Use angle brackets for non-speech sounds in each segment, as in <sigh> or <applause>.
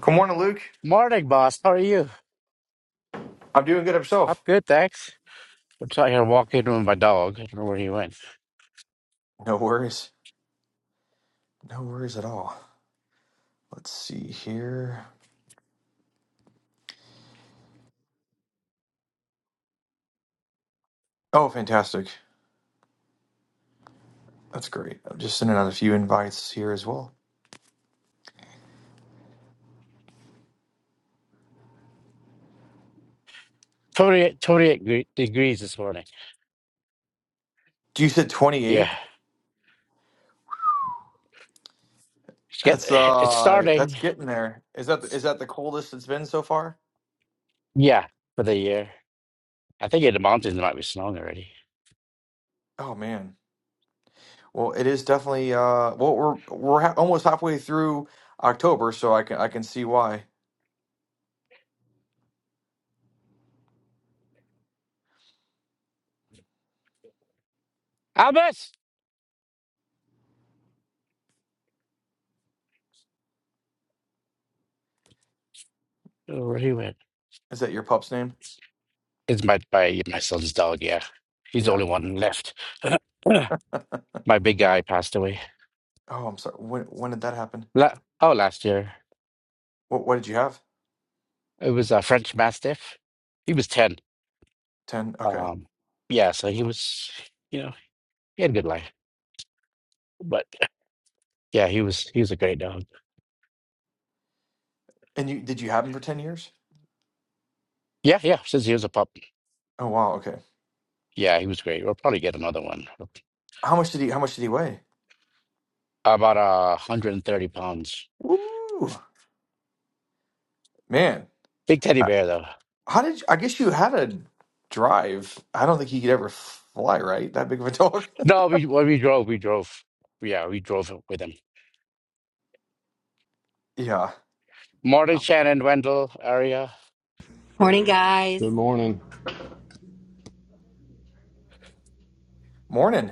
Good morning, Luke. Morning, boss. How are you? I'm doing good I'm myself. good, thanks. I'm trying to walk in with my dog. I don't know where he went. No worries. No worries at all. Let's see here. Oh, fantastic. That's great. I'm just sending out a few invites here as well. 28, 28 gre- degrees this morning. Do you said Yeah. 28? It's, get, That's it's uh that's starting. getting there. Is that is that the coldest it's been so far? Yeah, for the year. I think in the mountains it might be snowing already. Oh man. Well, it is definitely uh well we're we're ha- almost halfway through October, so I can I can see why. Albus! I don't know where he went. Is that your pup's name? It's my, my, my son's dog, yeah. He's the Yeah. only one left. <clears throat> my big guy passed away. Oh, I'm sorry. When when did that happen? La- oh, last year. What what did you have? It was a French Mastiff. He was 10. 10. Okay. Um, yeah, so he was, you know, he had a good life. But yeah, he was he was a great dog. And you did you have him for 10 years? Yeah, yeah. Since he was a pup, Oh wow. Okay. yeah, he was great. We'll probably get another one. How much did he? How much did he weigh? About uh, 130 pounds. Woo, man. Big teddy I- bear though. How did? You, I guess you had a drive. I don't think he could ever fly, right? That big of a dog. No, we well, we drove, we drove. Yeah, we drove with him. <laughs> yeah. Morton, Shannon, Wendell area. Morning, guys. Good morning. Morning.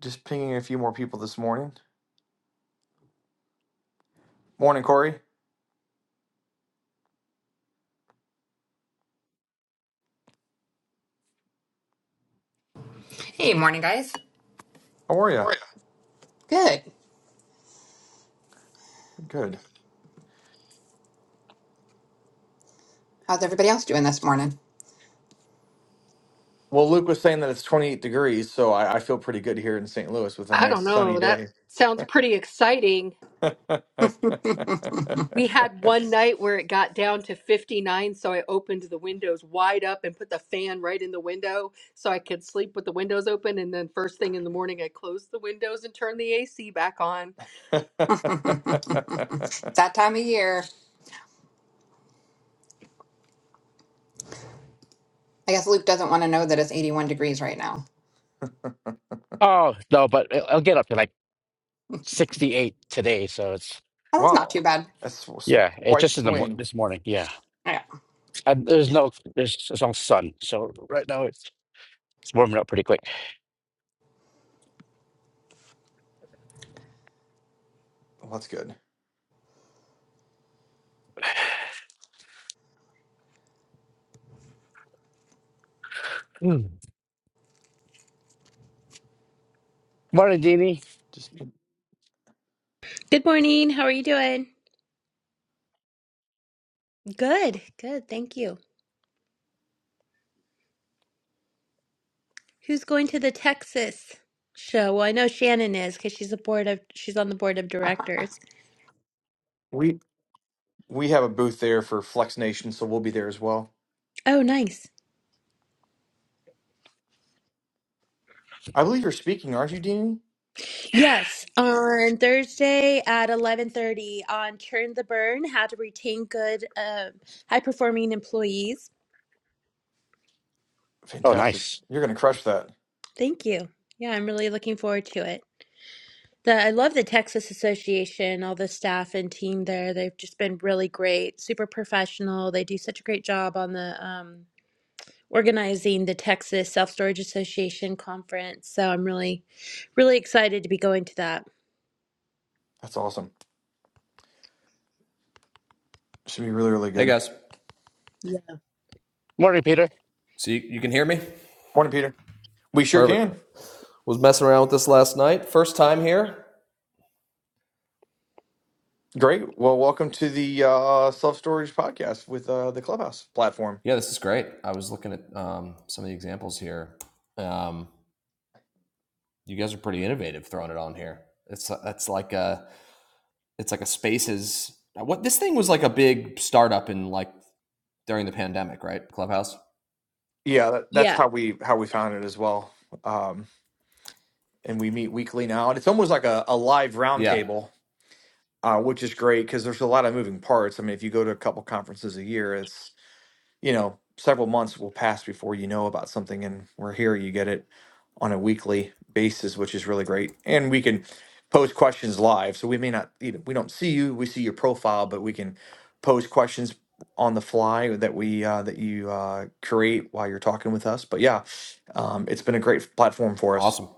Just pinging a few more people this morning. Morning, Corey. Hey, morning, guys. How are you? Good. Good. How's everybody else doing this morning? Well, Luke was saying that it's 28 degrees, so I, I feel pretty good here in St. Louis with a I nice don't sunny know. That day. sounds pretty exciting. <laughs> wow, We had one night where it got down to 59, so I opened the windows wide up and put the fan right in the window so I could sleep with the windows open. And then, first thing in the morning, I closed the windows and turned the AC back on. <laughs> it's that time of year. I guess Luke doesn't want to know that it's 81 degrees right now. Oh no, but it- I'll get up to like 68 today. So it's Oh, that's not too bad. that's w- s- yeah, it quite the just in the mor swing. this morning. Yeah, Yeah. and there's no there's, there's no sun, so right now it's it's warming up pretty quick. Well, that's good. Mm. Morning, Deanie. Just Good morning. How are you doing? Good, good. Thank you. Who's going to the Texas show? Well, I know Shannon is because she's a board of she's on the board of directors. We we have a booth there for Flex Nation, so we'll be there as well. Oh, nice. I believe you're speaking, aren't you, Deanie? Yes, on Thursday at eleven thirty on Churn the Burn: How to Retain Good, um, High Performing Employees. Oh, Fantastic. nice. You're gonna crush that. Thank you. Yeah, I'm really looking forward to it. The, I love the Texas Association, all the staff and team there. They've just been really great, super professional. They do such a great job on the um, organizing the Texas Self Storage Association conference. So I'm really, really excited to be going to that. That's awesome. Should be really, really Hey good. guys, Yeah. Morning, Peter. so you, you can hear me? Morning, Peter. We sure Perfect. can. Was messing around with this last night. First time here. Great. Well, welcome to the uh, Self Storage Podcast with uh, the Clubhouse platform. Yeah, this is great. I was looking at um, some of the examples here. Um, you guys are pretty innovative throwing it on here. It's that's like a it's like a spaces. What this thing was like a big startup in like during the pandemic, right? Clubhouse. Yeah, that, that's Yeah. how we how we found it as well. Um, and we meet weekly now, and it's almost like a, a live Yeah, roundtable, uh, which is great because there's a lot of moving parts. I mean, if you go to a couple conferences a year, you know, several months will pass before you know about something, and we're here. You get it on a weekly basis, which is really great. And we can pose questions live, so we may not, you know, we don't see you, we see your profile, but we can pose questions on the fly that we uh, that you uh, create while you're talking with us. But yeah, um, it's been a great platform for us. awesome.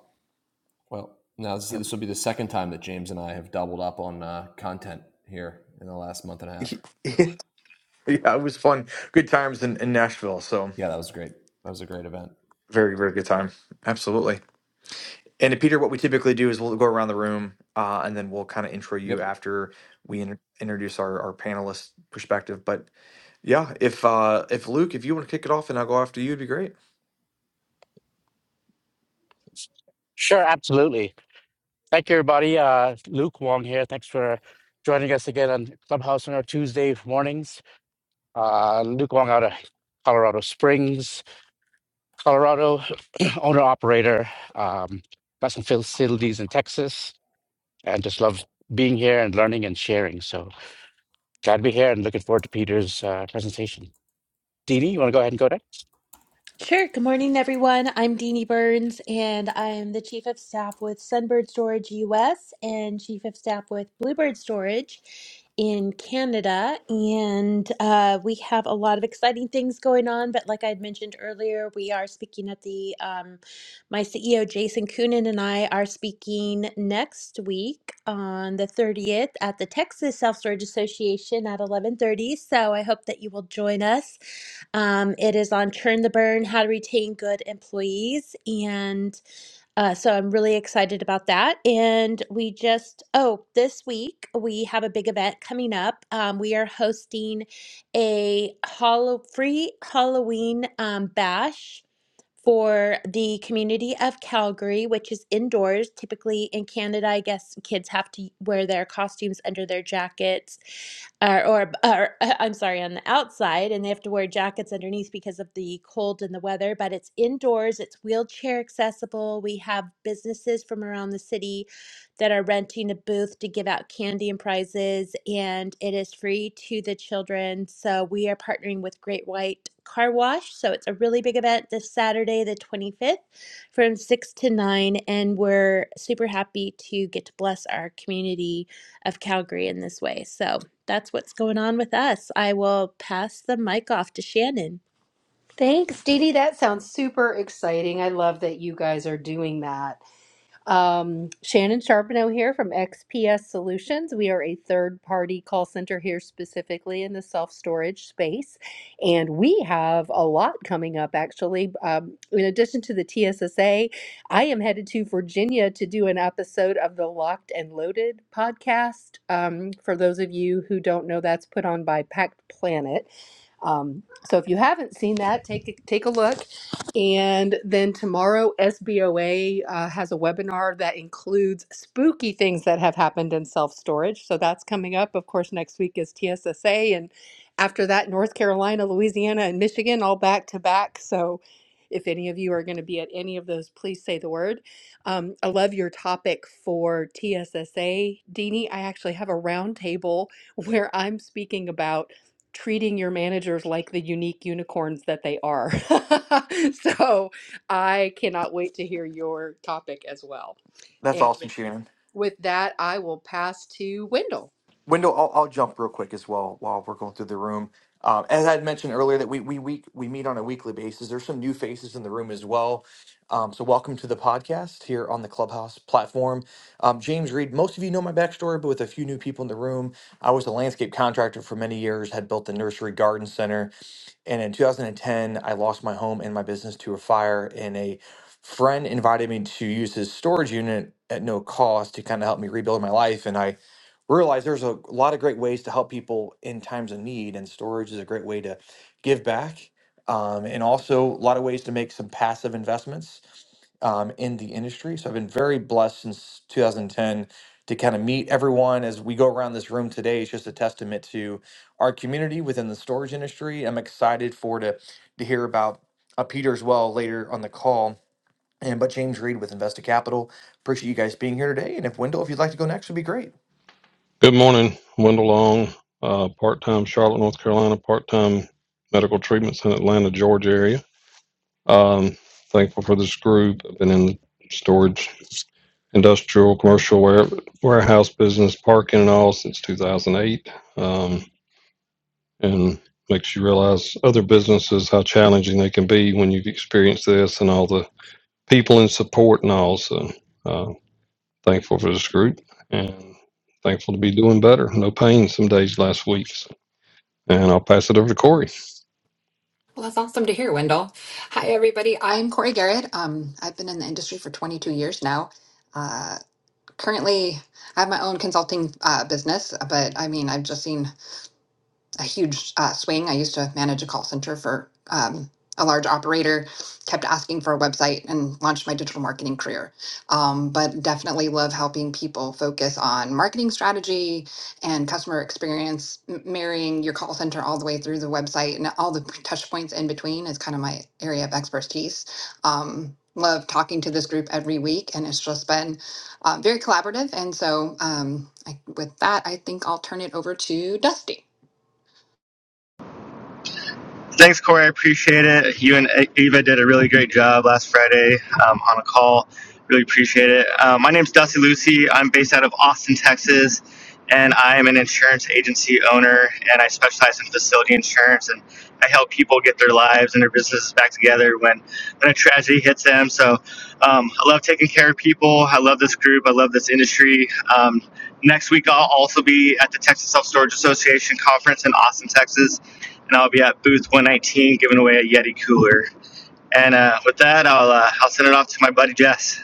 Well, now this, Yep. this will be the second time that James and I have doubled up on uh, content here in the last month and a <laughs> half. yeah, it was fun, good times in, in Nashville. So Yeah, that was great. That was a great event. very, very good time. Absolutely. And uh, Peter, what we typically do is we'll go around the room uh, and then we'll kind of intro Yep. you after we in- introduce our, our panelist perspective. But yeah, if uh, if Luke, if you want to kick it off and I'll go after you, it'd be great. Sure, absolutely. Thank you, everybody. Uh, Luke Wong here. Thanks for joining us again on Clubhouse on our Tuesday mornings. Uh, Luke Wong out of Colorado Springs, Colorado, <clears throat> owner operator, um, got some facilities in Texas, and just love being here and learning and sharing. So glad to be here and looking forward to Peter's uh, presentation. Dini, you want to go ahead and go next? Sure. Good morning, everyone. I'm Deanie Burns, and I'm the Chief of Staff with Sunbird Storage US and Chief of Staff with Bluebird Storage in Canada. And uh, we have a lot of exciting things going on. But like I had mentioned earlier, we are speaking at the, um, my CEO, Jason Coonan, and I are speaking next week on the 30th at the Texas Self Storage Association at 1130. So I hope that you will join us. Um, it is on Churn the Burn, How to Retain Good Employees. And uh, so I'm really excited about that. And we just, oh, this week we have a big event coming up. Um, we are hosting a hollow, free Halloween um, bash for the community of Calgary, which is indoors. Typically in Canada, I guess kids have to wear their costumes under their jackets, or, or, uh, or uh, I'm sorry, on the outside, and they have to wear jackets underneath because of the cold and the weather. But it's indoors, it's wheelchair accessible. We have businesses from around the city that are renting a booth to give out candy and prizes, and it is free to the children. So we are partnering with Great White Car Wash. So it's a really big event this Saturday, the 25th, from 6 to 9. And we're super happy to get to bless our community of Calgary in this way. So that's what's going on with us. I will pass the mic off to Shannon. Thanks, Dee Dee. That sounds super exciting. I love that you guys are doing that. Um, Shannon Charbonneau here from XPS Solutions. We are a third party call center here specifically in the self storage space. And we have a lot coming up actually. Um, in addition to the TSSA, I am headed to Virginia to do an episode of the Locked and Loaded podcast. Um, for those of you who don't know, that's put on by Packed Planet. Um, so if you haven't seen that, take a, take a look. And then tomorrow, SBOA uh, has a webinar that includes spooky things that have happened in self storage. So that's coming up. Of course, next week is TSSA. And after that, North Carolina, Louisiana, and Michigan, all back to back. So if any of you are going to be at any of those, please say the word. Um, I love your topic for TSSA, Deanie. I actually have a roundtable <laughs> where I'm speaking about treating your managers like the unique unicorns that they are. <laughs> So I cannot wait to hear your topic as well. That's And awesome, Shannon. with that, I will pass to Wendell. Wendell, I'll, I'll jump real quick as well while we're going through the room. Um, as I had mentioned earlier, that we we week we meet on a weekly basis. There's some new faces in the room as well. Um, so welcome to the podcast here on the Clubhouse platform. Um, James Reed, most of you know my backstory, but with a few new people in the room, I was a landscape contractor for many years. Had built the nursery garden center, and in 2010, I lost my home and my business to a fire. And a friend invited me to use his storage unit at no cost to kind of help me rebuild my life, and I realize there's a lot of great ways to help people in times of need, and storage is a great way to give back. Um, and also a lot of ways to make some passive investments um, in the industry. So I've been very blessed since 2010 to kind of meet everyone as we go around this room today. It's just a testament to our community within the storage industry. I'm excited for to to hear about uh, Peter as well later on the call. And but James Reed with Investa Capital. Appreciate you guys being here today. And if Wendell, if you'd like to go next, would be great. Good morning, Wendell Long, uh, part-time Charlotte, North Carolina, part-time medical treatments in Atlanta, Georgia area. Um, thankful for this group. I've been in storage, industrial, commercial ware, warehouse business, parking and all since 2008. Um, and makes you realize other businesses, how challenging they can be when you've experienced this and all the people and support and all. So, uh, thankful for this group and thankful to be doing better. No pain some days last week. And I'll pass it over to Corey. Well, that's awesome to hear, Wendell. Hi, everybody. I'm Corey Garrett. Um, I've been in the industry for 22 years now. Uh, currently, I have my own consulting uh, business, but I mean, I've just seen a huge uh, swing. I used to manage a call center for um, a large operator, kept asking for a website and launched my digital marketing career. Um, but definitely love helping people focus on marketing strategy and customer experience, M- marrying your call center all the way through the website and all the touch points in between is kind of my area of expertise. Um, love talking to this group every week, and it's just been uh, very collaborative. And so, um, I, with that, I think I'll turn it over to Dusty. Thanks, Corey. I appreciate it. You and Eva did a really great job last Friday um, on a call. Really appreciate it. Uh, my name's Dusty Lucy. I'm based out of Austin, Texas, and I'm an insurance agency owner, and I specialize in facility insurance, and I help people get their lives and their businesses back together when, when a tragedy hits them. So um, I love taking care of people. I love this group. I love this industry. Um, next week, I'll also be at the Texas Self Storage Association Conference in Austin, Texas and I'll be at booth 119 giving away a Yeti cooler. And uh, with that, I'll uh, I'll send it off to my buddy Jess.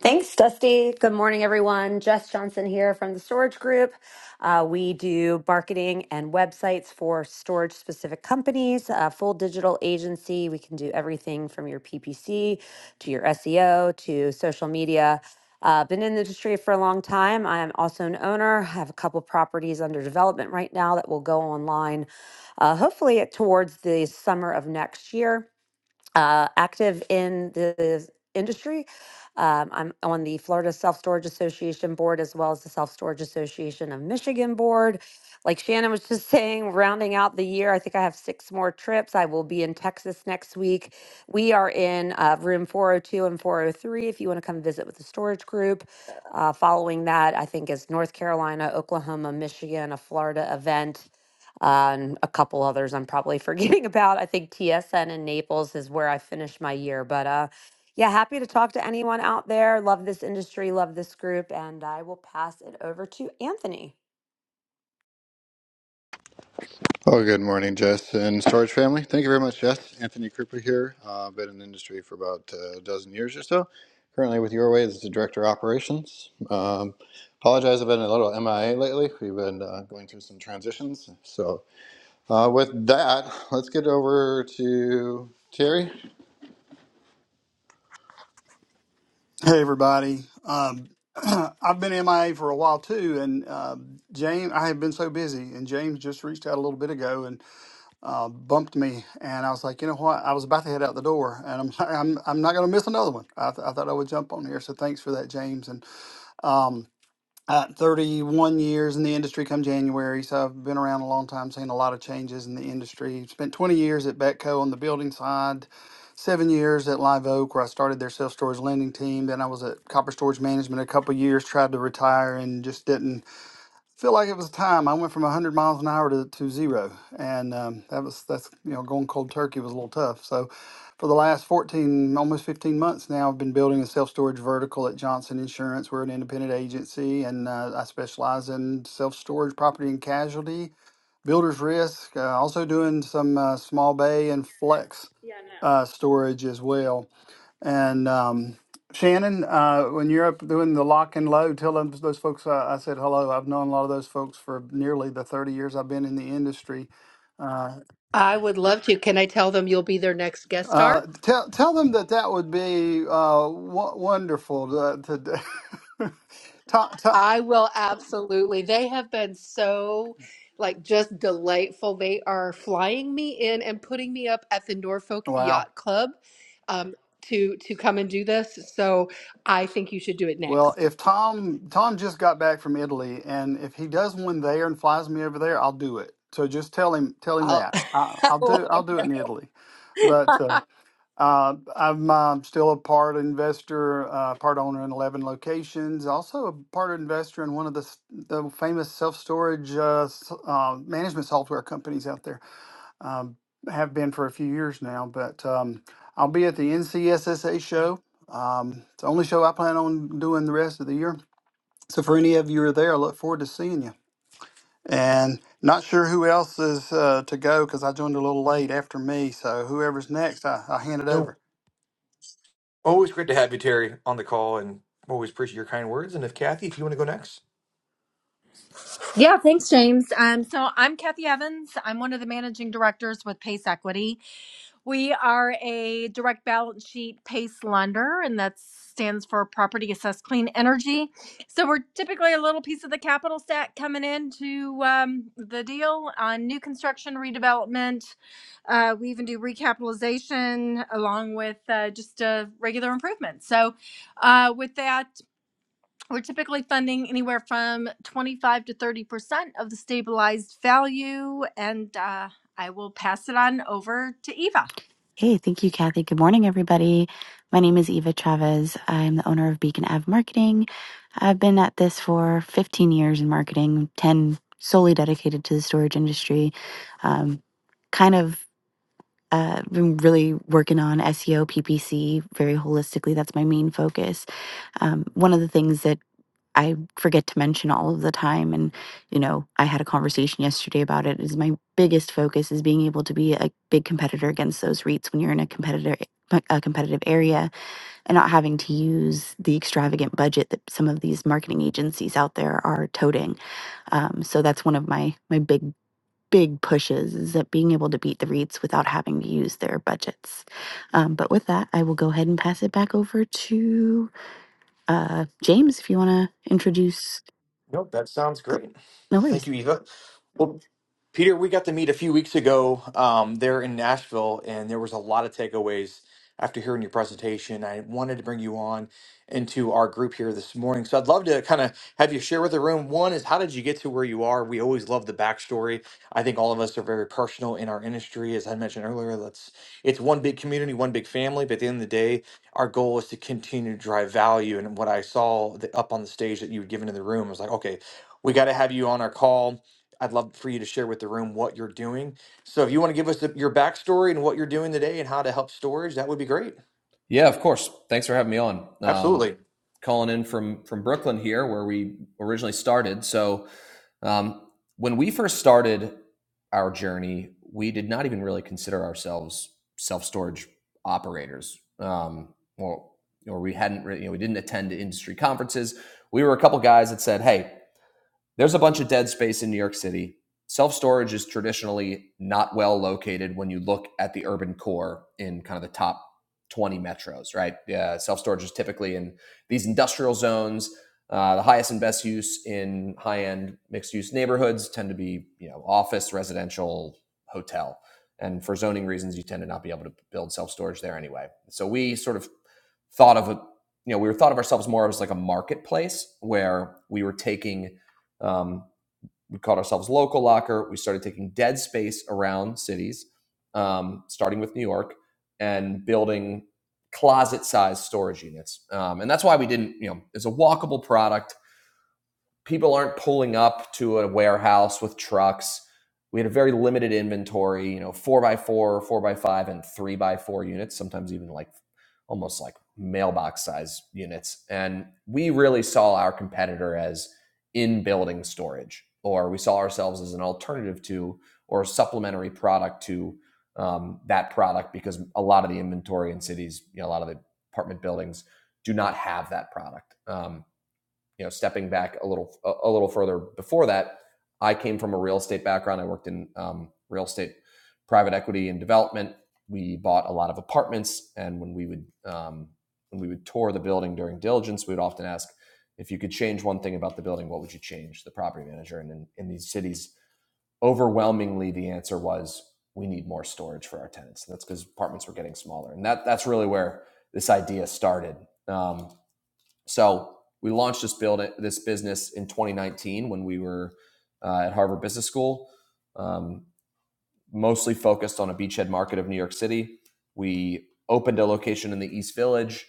Thanks, Dusty. Good morning, everyone. Jess Johnson here from the Storage Group. Uh, we do marketing and websites for storage specific companies, uh, full digital agency. We can do everything from your PPC to your SEO to social media. Uh, been in the industry for a long time. I am also an owner. I have a couple properties under development right now that will go online, uh, hopefully towards the summer of next year uh, active in the industry. Um, I'm on the Florida Self Storage Association board as well as the Self Storage Association of Michigan board. Like Shannon was just <laughs> saying, rounding out the year, I think I have six more trips. I will be in Texas next week. We are in uh, room 402 and 403 if you want to come visit with the storage group. Uh, following that, I think is North Carolina, Oklahoma, Michigan, a Florida event and a couple others I'm probably <laughs> forgetting about. I think TSN in Naples is where I finished my year. But uh, yeah, happy to talk to anyone out there. Love this industry, love this group, and I will pass it over to Anthony. Oh, good morning, Jess and Storage Family. Thank you very much, Jess. Anthony Krupa here. Uh, been in the industry for about uh, a dozen years or so. Currently with Your Way as the Director of Operations. Um, apologize, I've been a little MIA lately. We've been uh, going through some transitions. So, uh, with that, let's get over to Terry. Hey everybody. Um, <clears throat> I've been MIA for a while too, and uh, James, I have been so busy, and James just reached out a little bit ago and uh, bumped me, and I was like, you know what? I was about to head out the door, and I'm <laughs> I'm I'm not going to miss another one. I, th- I thought I would jump on here, so thanks for that, James. And um, uh, 31 years in the industry come January, so I've been around a long time, seen a lot of changes in the industry. Spent 20 years at Betco on the building side, seven years at Live Oak, where I started their self storage lending team. Then I was at Copper Storage Management a couple years, tried to retire and just didn't feel like it was time. I went from 100 miles an hour to, to zero, and um, that was that's you know going cold turkey was a little tough. So, for the last 14, almost 15 months now, I've been building a self storage vertical at Johnson Insurance. We're an independent agency, and uh, I specialize in self storage, property and casualty, builder's risk. Uh, also doing some uh, small bay and flex uh, storage as well. And um, Shannon, uh, when you're up doing the lock and load, tell them, those folks uh, I said hello. I've known a lot of those folks for nearly the 30 years I've been in the industry. Uh, I would love to. Can I tell them you'll be their next guest uh, star? tell tell them that that would be uh, w- wonderful to, to <laughs> Tom, Tom. I will absolutely. They have been so like just delightful. They are flying me in and putting me up at the Norfolk Wow. Yacht Club um, to to come and do this. So I think you should do it Well, next. if Tom Tom just got back from Italy, and if he does one there and flies me over there, I'll do it. So just tell him tell him I'll, that I, <laughs> I'll I'll do let I'll do it in Italy. But him. <laughs> uh, Uh, I'm um, still a part investor, uh, part owner in 11 locations, also a part investor in one of the, s- the famous self storage uh, s- uh, management software companies out there. Um, have been for a few years now, but um, I'll be at the NCSSA show. Um, it's the only show I plan on doing the rest of the year. So for any of you who are there, I look forward to seeing you. And not sure who else is uh, to go because I joined a little late after me. So whoever's next, I, I hand it over. Always great to have you, Terry, on the call, and always appreciate your kind words. And if Kathy, if you want to go next, Yeah, thanks, James. Um, so I'm Kathy Evans. I'm one of the managing directors with Pace Equity. We are a direct balance sheet PACE lender, and that stands for Property Assessed Clean Energy. So we're typically a little piece of the capital stack coming into um, the deal on new construction, redevelopment. Uh, we even do recapitalization along with uh, just uh, regular improvements. So uh, with that. We're typically funding anywhere from 25 to 30% of the stabilized value. And uh, I will pass it on over to Eva. Hey, thank you, Kathy. Good morning, everybody. My name is Eva Chavez. I'm the owner of Beacon Ave Marketing. I've been at this for 15 years in marketing, 10 solely dedicated to the storage industry. Um, kind of uh, been really working on SEO, PPC very holistically. That's my main focus. Um, one of the things that I forget to mention all of the time. And, you know, I had a conversation yesterday about it. Is my biggest focus is being able to be a big competitor against those REITs when you're in a competitor a competitive area and not having to use the extravagant budget that some of these marketing agencies out there are toting. Um, so that's one of my my big big pushes is that being able to beat the REITs without having to use their budgets. Um, but with that, I will go ahead and pass it back over to uh, James if you want to introduce nope, that sounds Go- great. No worries. Thank you, Eva. Well, Peter, we got to meet a few weeks ago um, there in Nashville, and there was a lot of takeaways after hearing your presentation. I wanted to bring you on into our group here this morning. So I'd love to kind of have you share with the room. One is, how did you get to where you are? We always love the backstory. I think all of us are very personal in our industry. As I mentioned earlier, that's it's one big community, one big family. But at the end of the day, our goal is to continue to drive value. And what I saw the, up on the stage that you had given in the room I was like, okay, we got to have you on our call I'd love for you to share with the room what you're doing. So if you want to give us the, your backstory and what you're doing today and how to help storage, that would be great. Yeah, of course. Thanks for having me on. Um, Absolutely. calling in from from Brooklyn here, where we originally started. So um, when we first started our journey, we did not even really consider ourselves self storage operators, um, or or we hadn't really, you know, we didn't attend industry conferences. We were a couple guys that said, "Hey, there's a bunch of dead space in New York City. Self storage is traditionally not well located when you look at the urban core in kind of the top 20 metros, right? Uh, Self storage is typically in these industrial zones. Uh, the highest and best use in high end mixed use neighborhoods tend to be, you know, office, residential, hotel. And for zoning reasons, you tend to not be able to build self storage there anyway. So we sort of thought of, a, you know, we were thought of ourselves more as like a marketplace where we were taking um, we called ourselves Local Locker. We started taking dead space around cities, um, starting with New York, and building closet-sized storage units. Um, and that's why we didn't, you know, it's a walkable product people aren't pulling up to a warehouse with trucks. We had a very limited inventory, you know, four by four, four by five, and three by four units, sometimes even like almost like mailbox size units. And we really saw our competitor as in building storage, or we saw ourselves as an alternative to or supplementary product to um, that product because a lot of the inventory in cities, you know, a lot of the apartment buildings do not have that product. Um, you know, stepping back a little a, little further before that, I came from a real estate background. I worked in um, real estate, private equity, and development. We bought a lot of apartments, and when we would um, when we would tour the building during diligence, we would often ask if you could change one thing about the building, what would you change? The property manager, and in, in these cities, overwhelmingly, the answer was we need more storage for our tenants. And that's because apartments were getting smaller, and that that's really where this idea started. Um, so we launched this build this business in 2019 when we were uh, at Harvard Business School, um, mostly focused on a beachhead market of New York City. We opened a location in the East Village.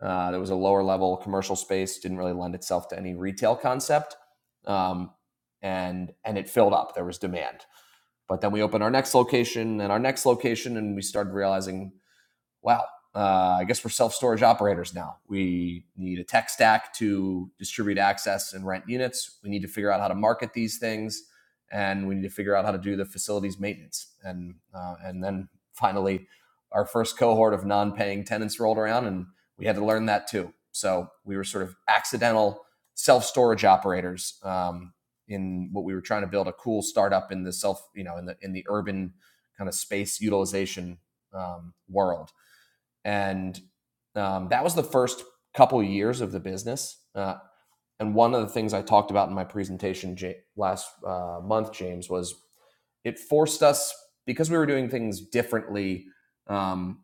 Uh, there was a lower level commercial space, didn't really lend itself to any retail concept, um, and and it filled up. There was demand. But then we opened our next location and our next location, and we started realizing wow, uh, I guess we're self storage operators now. We need a tech stack to distribute access and rent units. We need to figure out how to market these things, and we need to figure out how to do the facilities maintenance. And uh, and then finally, our first cohort of non-paying tenants rolled around, and we had to learn that too. So we were sort of accidental self storage operators um, in what we were trying to build a cool startup in the self you know in the in the urban kind of space utilization um, world and um, that was the first couple years of the business. Uh, and one of the things I talked about in my presentation Ja- last uh, month, James, was it forced us because we were doing things differently. Um,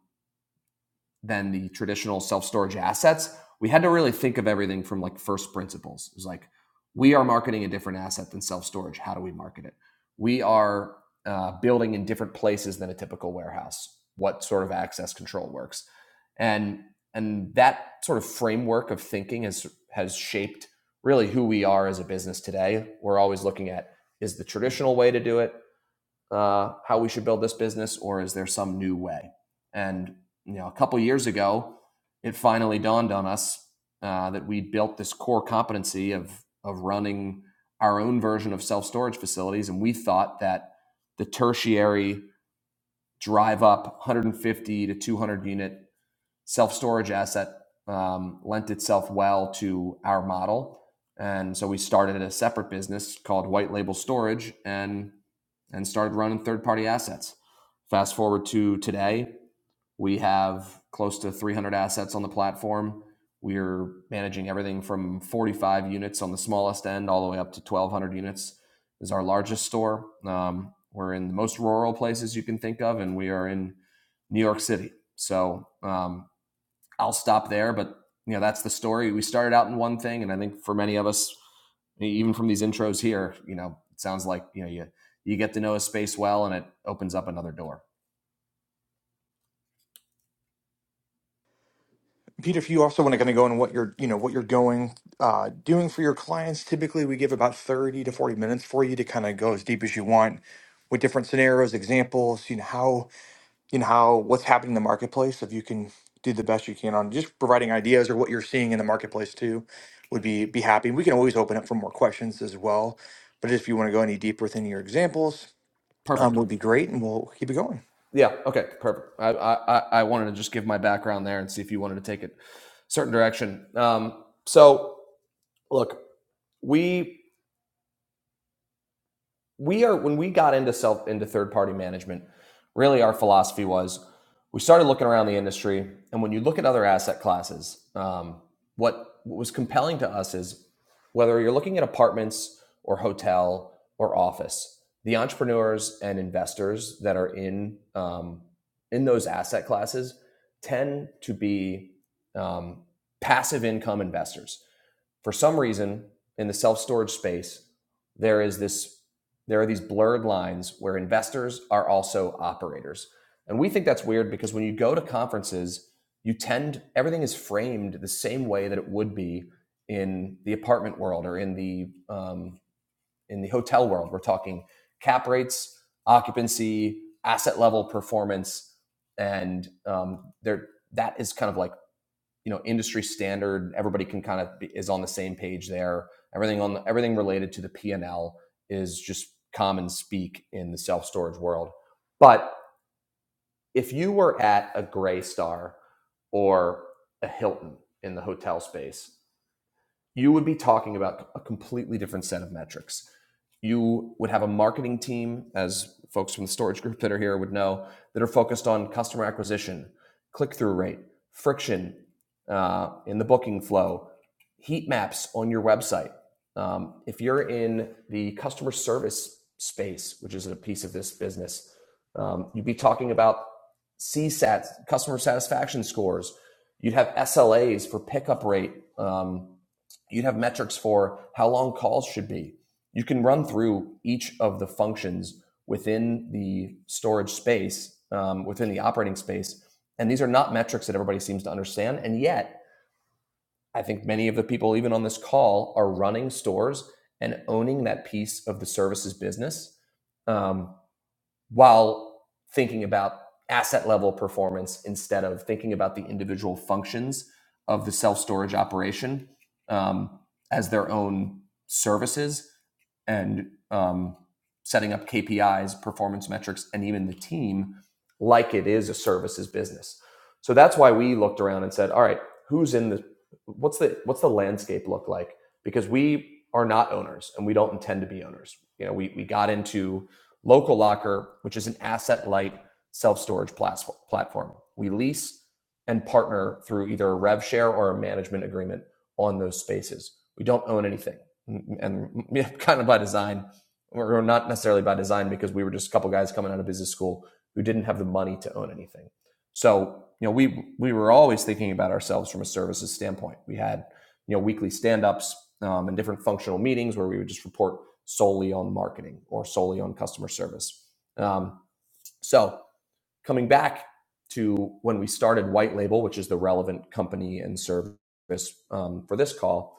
than the traditional self-storage assets we had to really think of everything from like first principles it was like we are marketing a different asset than self-storage how do we market it we are uh, building in different places than a typical warehouse what sort of access control works and and that sort of framework of thinking has has shaped really who we are as a business today we're always looking at is the traditional way to do it uh, how we should build this business, or is there some new way? And you know, a couple years ago, it finally dawned on us uh, that we built this core competency of of running our own version of self storage facilities, and we thought that the tertiary drive up 150 to 200 unit self storage asset um, lent itself well to our model. And so we started a separate business called White Label Storage, and and started running third party assets. Fast forward to today, we have close to 300 assets on the platform. We're managing everything from 45 units on the smallest end all the way up to 1,200 units is our largest store. Um, we're in the most rural places you can think of, and we are in New York City. So um, I'll stop there. But you know, that's the story. We started out in one thing, and I think for many of us, e-, even from these intros here, you know, it sounds like you know you you get to know a space well, and it opens up another door. Peter, if you also want to kind of go into what you're, you know, what you're going, uh, doing for your clients, typically we give about 30 to 40 minutes for you to kind of go as deep as you want with different scenarios, examples, you know, how in how what's happening in the marketplace if you can do the best you can on just providing ideas or what you're seeing in the marketplace too would be be happy we can always open up for more questions as well but if you want to go any deeper within your examples um, Perfect. would be great and we'll keep it going Yeah. Okay. Perfect. I I I wanted to just give my background there and see if you wanted to take it a certain direction. Um, so look, we we are when we got into self into third party management really our philosophy was we started looking around the industry and when you look at other asset classes um, what, what was compelling to us is whether you're looking at apartments or hotel or office the entrepreneurs and investors that are in um, in those asset classes tend to be um, passive income investors for some reason in the self-storage space there is this there are these blurred lines where investors are also operators and we think that's weird because when you go to conferences you tend everything is framed the same way that it would be in the apartment world or in the um, in the hotel world we're talking cap rates occupancy asset level performance and um, there that is kind of like you know industry standard everybody can kind of be, is on the same page there everything on the, everything related to the p&l is just common speak in the self-storage world but if you were at a gray star or a hilton in the hotel space you would be talking about a completely different set of metrics. You would have a marketing team, as folks from the storage group that are here would know, that are focused on customer acquisition, click through rate, friction uh, in the booking flow, heat maps on your website. Um, if you're in the customer service space, which is a piece of this business, um, you'd be talking about CSAT, customer satisfaction scores. You'd have SLAs for pickup rate. Um, You'd have metrics for how long calls should be. You can run through each of the functions within the storage space, um, within the operating space. And these are not metrics that everybody seems to understand. And yet, I think many of the people, even on this call, are running stores and owning that piece of the services business. Um, while thinking about asset level performance instead of thinking about the individual functions of the self storage operation um, as their own services and um, setting up KPIs, performance metrics, and even the team like it is a services business. So that's why we looked around and said, all right, who's in the what's the what's the landscape look like? Because we are not owners and we don't intend to be owners. You know, we we got into Local Locker, which is an asset light self-storage platform. We lease and partner through either a rev share or a management agreement on those spaces. We don't own anything and <laughs> yeah, kind of by design, or not necessarily by design, because we were just a couple guys coming out of business school who didn't have the money to own anything. So you know, we we were always thinking about ourselves from a services standpoint. We had you know weekly stand-ups um, and different functional meetings where we would just report solely on marketing or solely on customer service. Um, so coming back to when we started White Label, which is the relevant company and service um, for this call,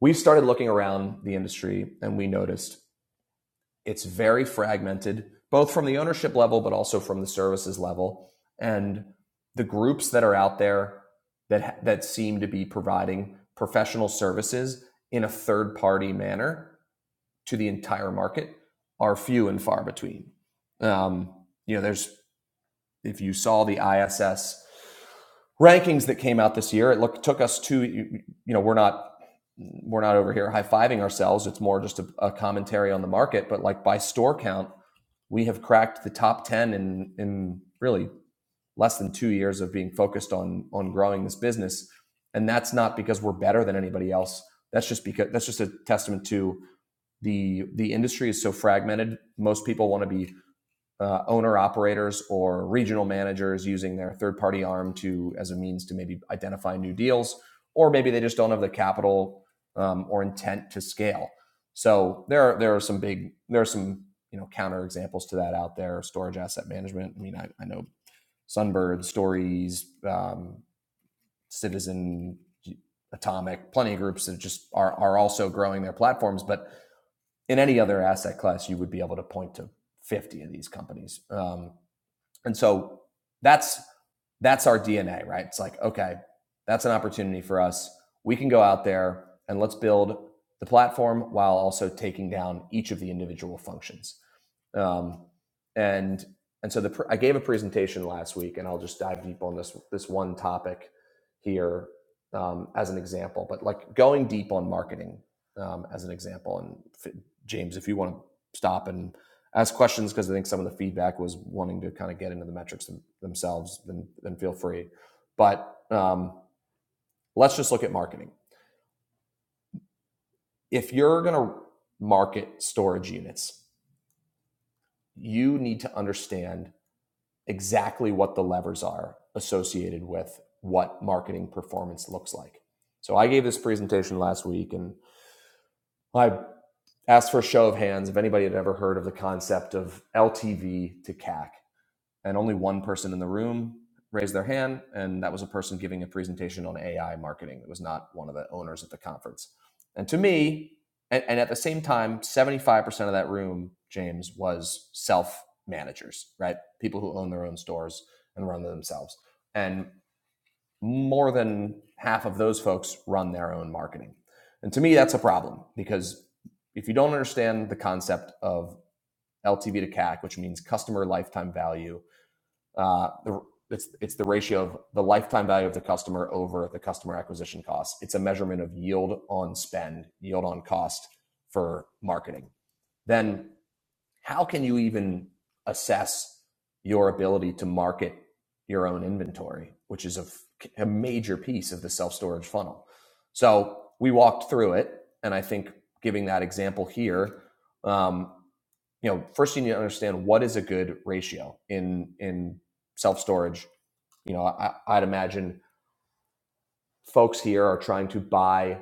We've started looking around the industry and we noticed it's very fragmented, both from the ownership level, but also from the services level. And the groups that are out there that, that seem to be providing professional services in a third party manner to the entire market are few and far between. Um, you know, there's if you saw the ISS rankings that came out this year, it look, took us to you, know we're not we're not over here high fiving ourselves. It's more just a, a commentary on the market. But like by store count, we have cracked the top ten in in really less than two years of being focused on on growing this business, and that's not because we're better than anybody else. That's just because that's just a testament to the the industry is so fragmented. Most people want to be uh, owner operators or regional managers using their third party arm to as a means to maybe identify new deals, or maybe they just don't have the capital um, or intent to scale. So there are, there are some big there are some you know counter examples to that out there. Storage asset management. I mean, I, I know Sunbird, Stories, um, Citizen, Atomic, plenty of groups that just are are also growing their platforms. But in any other asset class, you would be able to point to fifty of these companies. Um, and so that's that's our DNA, right? It's like, okay, that's an opportunity for us. We can go out there and let's build the platform while also taking down each of the individual functions. Um, and and so the I gave a presentation last week, and I'll just dive deep on this this one topic here um, as an example. But like going deep on marketing um, as an example, and James, if you want to stop and ask questions because I think some of the feedback was wanting to kind of get into the metrics them- themselves, then, then feel free. But um, let's just look at marketing. If you're going to market storage units, you need to understand exactly what the levers are associated with what marketing performance looks like. So I gave this presentation last week and I asked for a show of hands if anybody had ever heard of the concept of LTV to CAC and only one person in the room raised their hand and that was a person giving a presentation on ai marketing it was not one of the owners at the conference and to me and, and at the same time 75% of that room james was self managers right people who own their own stores and run them themselves and more than half of those folks run their own marketing and to me that's a problem because if you don't understand the concept of ltv to cac which means customer lifetime value uh, the, it's it's the ratio of the lifetime value of the customer over the customer acquisition cost. It's a measurement of yield on spend, yield on cost for marketing. Then how can you even assess your ability to market your own inventory, which is a a major piece of the self storage funnel. So we walked through it, and I think giving that example here, um, you know, first you need to understand what is a good ratio in in self storage. You know, I, I'd imagine folks here are trying to buy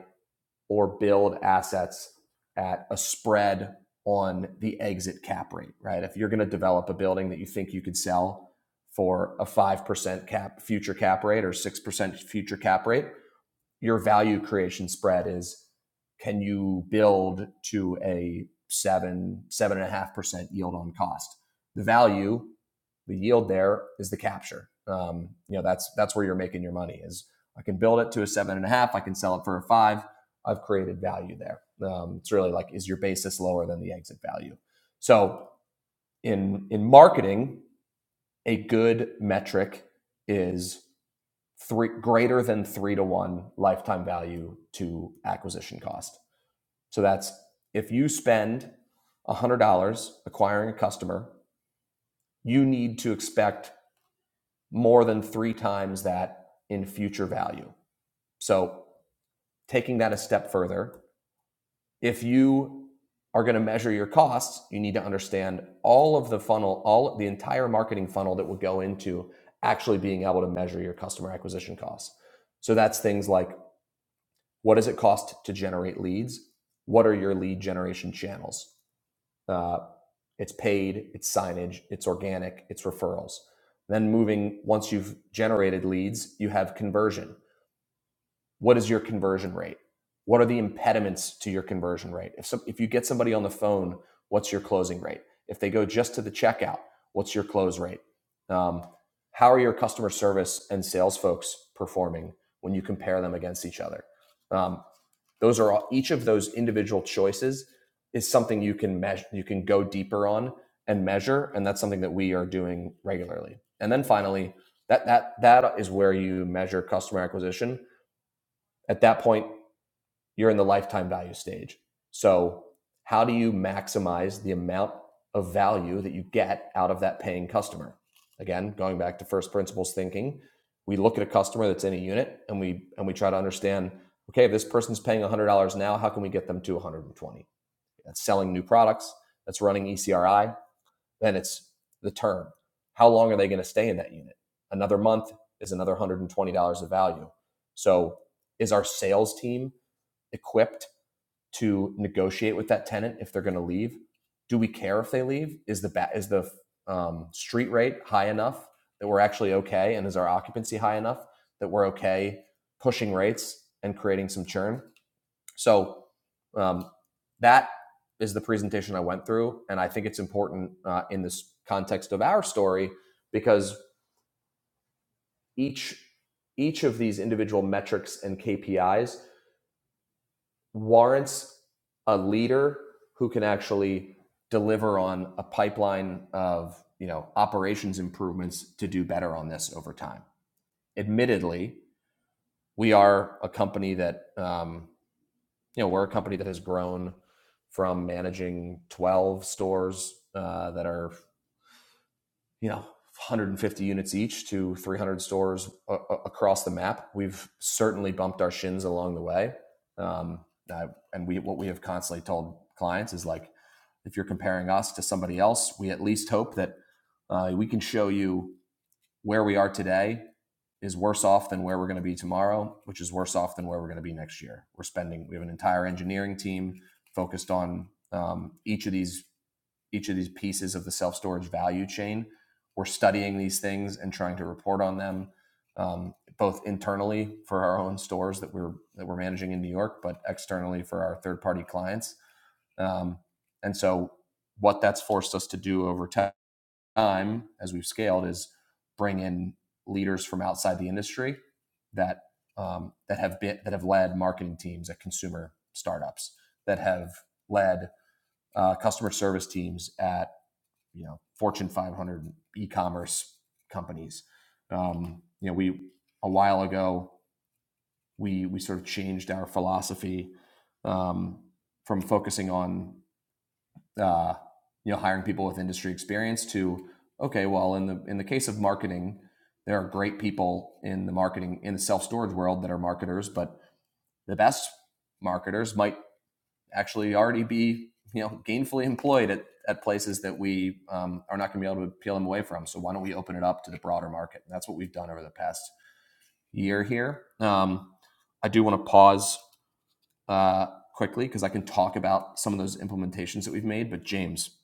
or build assets at a spread on the exit cap rate, right? If you're going to develop a building that you think you could sell for a 5% cap future cap rate or 6% future cap rate, your value creation spread is can you build to a seven, seven and a half percent yield on cost? The value, the yield there is the capture. Um, you know, that's that's where you're making your money is I can build it to a seven and a half, I can sell it for a five. I've created value there. Um, it's really like is your basis lower than the exit value? So in in marketing, a good metric is three greater than three to one lifetime value to acquisition cost. So that's if you spend $100 acquiring a customer, you need to expect more than three times that in future value. So, taking that a step further, if you are going to measure your costs, you need to understand all of the funnel, all the entire marketing funnel that would go into actually being able to measure your customer acquisition costs. So, that's things like What does it cost to generate leads? What are your lead generation channels? Uh, it's paid, it's signage, it's organic, it's referrals. Then moving, once you've generated leads, you have conversion. What is your conversion rate? What are the impediments to your conversion rate? If, some, if you get somebody on the phone, what's your closing rate? If they go just to the checkout, what's your close rate? Um, how are your customer service and sales folks performing when you compare them against each other? Um, those are all, each of those individual choices is something you can measure, you can go deeper on and measure, and that's something that we are doing regularly. And then finally, that that that is where you measure customer acquisition. At that point, you're in the lifetime value stage. So, how do you maximize the amount of value that you get out of that paying customer? Again, going back to first principles thinking, we look at a customer that's in a unit and we and we try to understand, okay, if this person's paying $100 now, how can we get them to 120? That's selling new products, that's running ECRI, then it's the term. How long are they going to stay in that unit? Another month is another $120 of value. So, is our sales team equipped to negotiate with that tenant if they're going to leave? Do we care if they leave? Is the ba- is the um, street rate high enough that we're actually okay, and is our occupancy high enough that we're okay pushing rates and creating some churn? So um, that is the presentation I went through, and I think it's important uh, in this context of our story because each each of these individual metrics and KPIs warrants a leader who can actually deliver on a pipeline of you know operations improvements to do better on this over time. Admittedly, we are a company that um, you know we're a company that has grown from managing 12 stores uh, that are you know 150 units each to 300 stores a- a- across the map we've certainly bumped our shins along the way um, I- and we what we have constantly told clients is like if you're comparing us to somebody else we at least hope that uh, we can show you where we are today is worse off than where we're going to be tomorrow which is worse off than where we're going to be next year we're spending we have an entire engineering team focused on um, each of these each of these pieces of the self storage value chain. We're studying these things and trying to report on them, um, both internally for our own stores that we're that we're managing in New York, but externally for our third party clients. Um, and so, what that's forced us to do over time as we've scaled is bring in leaders from outside the industry that um, that have been that have led marketing teams at consumer startups that have led uh, customer service teams at you know Fortune 500 e-commerce companies. Um, you know, we a while ago we we sort of changed our philosophy um, from focusing on uh, you know hiring people with industry experience to okay, well in the in the case of marketing, there are great people in the marketing in the self storage world that are marketers, but the best marketers might actually already be you know gainfully employed at, at places that we um, are not going to be able to peel them away from. So why don't we open it up to the broader market? And that's what we've done over the past year here. Um, I do want to pause uh, quickly because I can talk about some of those implementations that we've made. But James,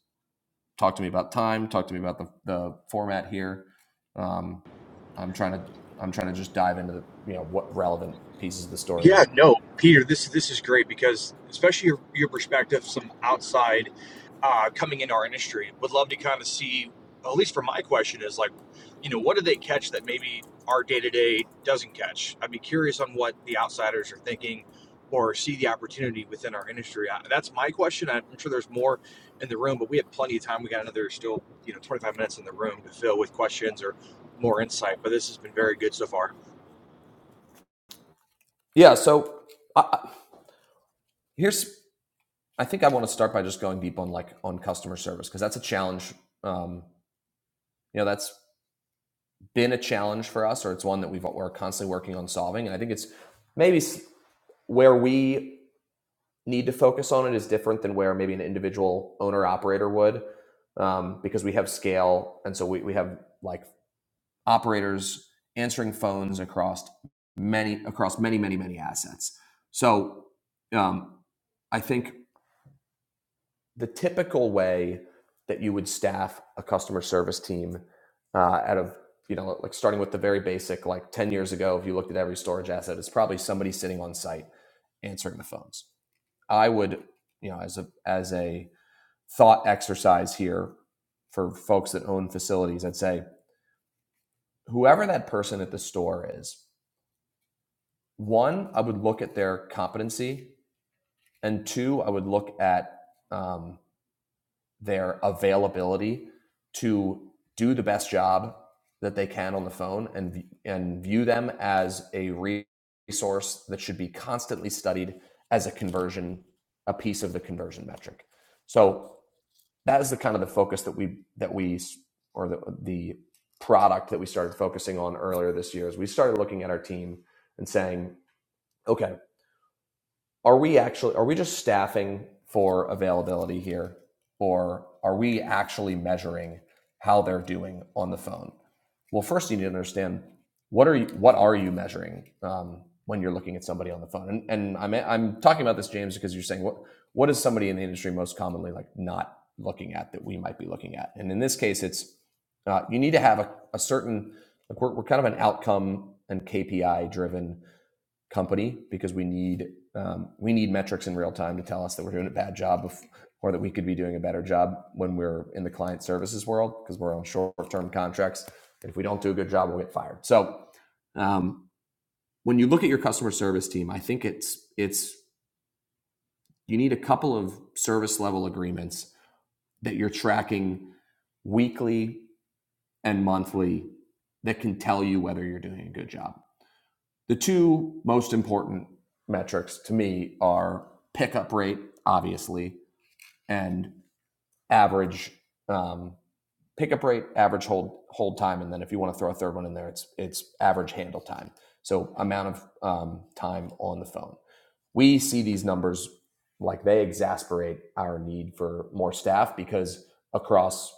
talk to me about time. Talk to me about the, the format here. Um, I'm trying to I'm trying to just dive into the, you know what relevant pieces of the story. Yeah, no, Peter, this this is great because especially your, your perspective, some outside uh, coming into our industry would love to kind of see, at least for my question is like, you know, what do they catch that maybe our day to day doesn't catch? I'd be curious on what the outsiders are thinking or see the opportunity within our industry. Uh, That's my question. I'm sure there's more in the room, but we have plenty of time. We got another still, you know, 25 minutes in the room to fill with questions or more insight, but this has been very good so far. Yeah. So uh, here's I think I want to start by just going deep on like on customer service because that's a challenge. Um, you know, that's been a challenge for us, or it's one that we've we're constantly working on solving. And I think it's maybe where we need to focus on it is different than where maybe an individual owner operator would, um, because we have scale, and so we we have like operators answering phones across many across many many many assets. So um, I think the typical way that you would staff a customer service team uh, out of you know like starting with the very basic like 10 years ago if you looked at every storage asset it's probably somebody sitting on site answering the phones i would you know as a as a thought exercise here for folks that own facilities i'd say whoever that person at the store is one i would look at their competency and two i would look at um, their availability to do the best job that they can on the phone and and view them as a resource that should be constantly studied as a conversion a piece of the conversion metric so that is the kind of the focus that we that we or the the product that we started focusing on earlier this year is we started looking at our team and saying okay are we actually are we just staffing for availability here or are we actually measuring how they're doing on the phone well first you need to understand what are you what are you measuring um, when you're looking at somebody on the phone and, and I'm, I'm talking about this james because you're saying what what is somebody in the industry most commonly like not looking at that we might be looking at and in this case it's uh, you need to have a, a certain like we're, we're kind of an outcome and kpi driven company because we need um, we need metrics in real time to tell us that we're doing a bad job of, or that we could be doing a better job when we're in the client services world because we're on short term contracts. And if we don't do a good job, we'll get fired. So um, when you look at your customer service team, I think it's it's you need a couple of service level agreements that you're tracking weekly and monthly that can tell you whether you're doing a good job. The two most important metrics to me are pickup rate, obviously, and average um, pickup rate, average hold hold time, and then if you want to throw a third one in there, it's it's average handle time. So amount of um, time on the phone. We see these numbers like they exasperate our need for more staff because across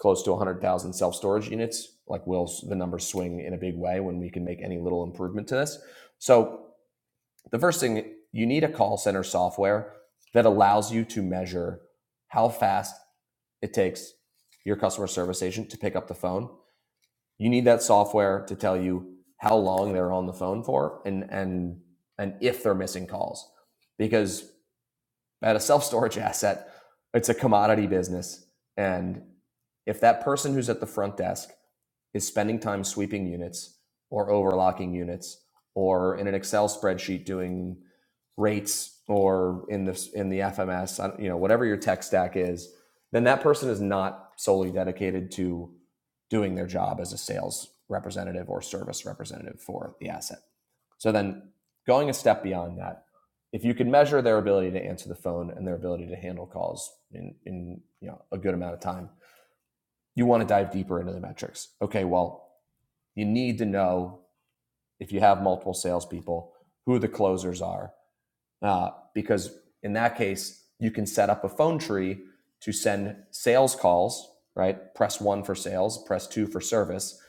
close to 100,000 self storage units, like will the numbers swing in a big way when we can make any little improvement to this. So the first thing you need a call center software that allows you to measure how fast it takes your customer service agent to pick up the phone. You need that software to tell you how long they're on the phone for and and and if they're missing calls. Because at a self-storage <laughs> asset, it's a commodity business and if that person who's at the front desk is spending time sweeping units or overlocking units or in an Excel spreadsheet doing rates or in the in the FMS, you know, whatever your tech stack is, then that person is not solely dedicated to doing their job as a sales representative or service representative for the asset. So then going a step beyond that, if you can measure their ability to answer the phone and their ability to handle calls in, in you know a good amount of time, you want to dive deeper into the metrics. Okay, well, you need to know if you have multiple salespeople who the closers are, uh, because in that case, you can set up a phone tree to send sales calls, right? Press one for sales, press two for service.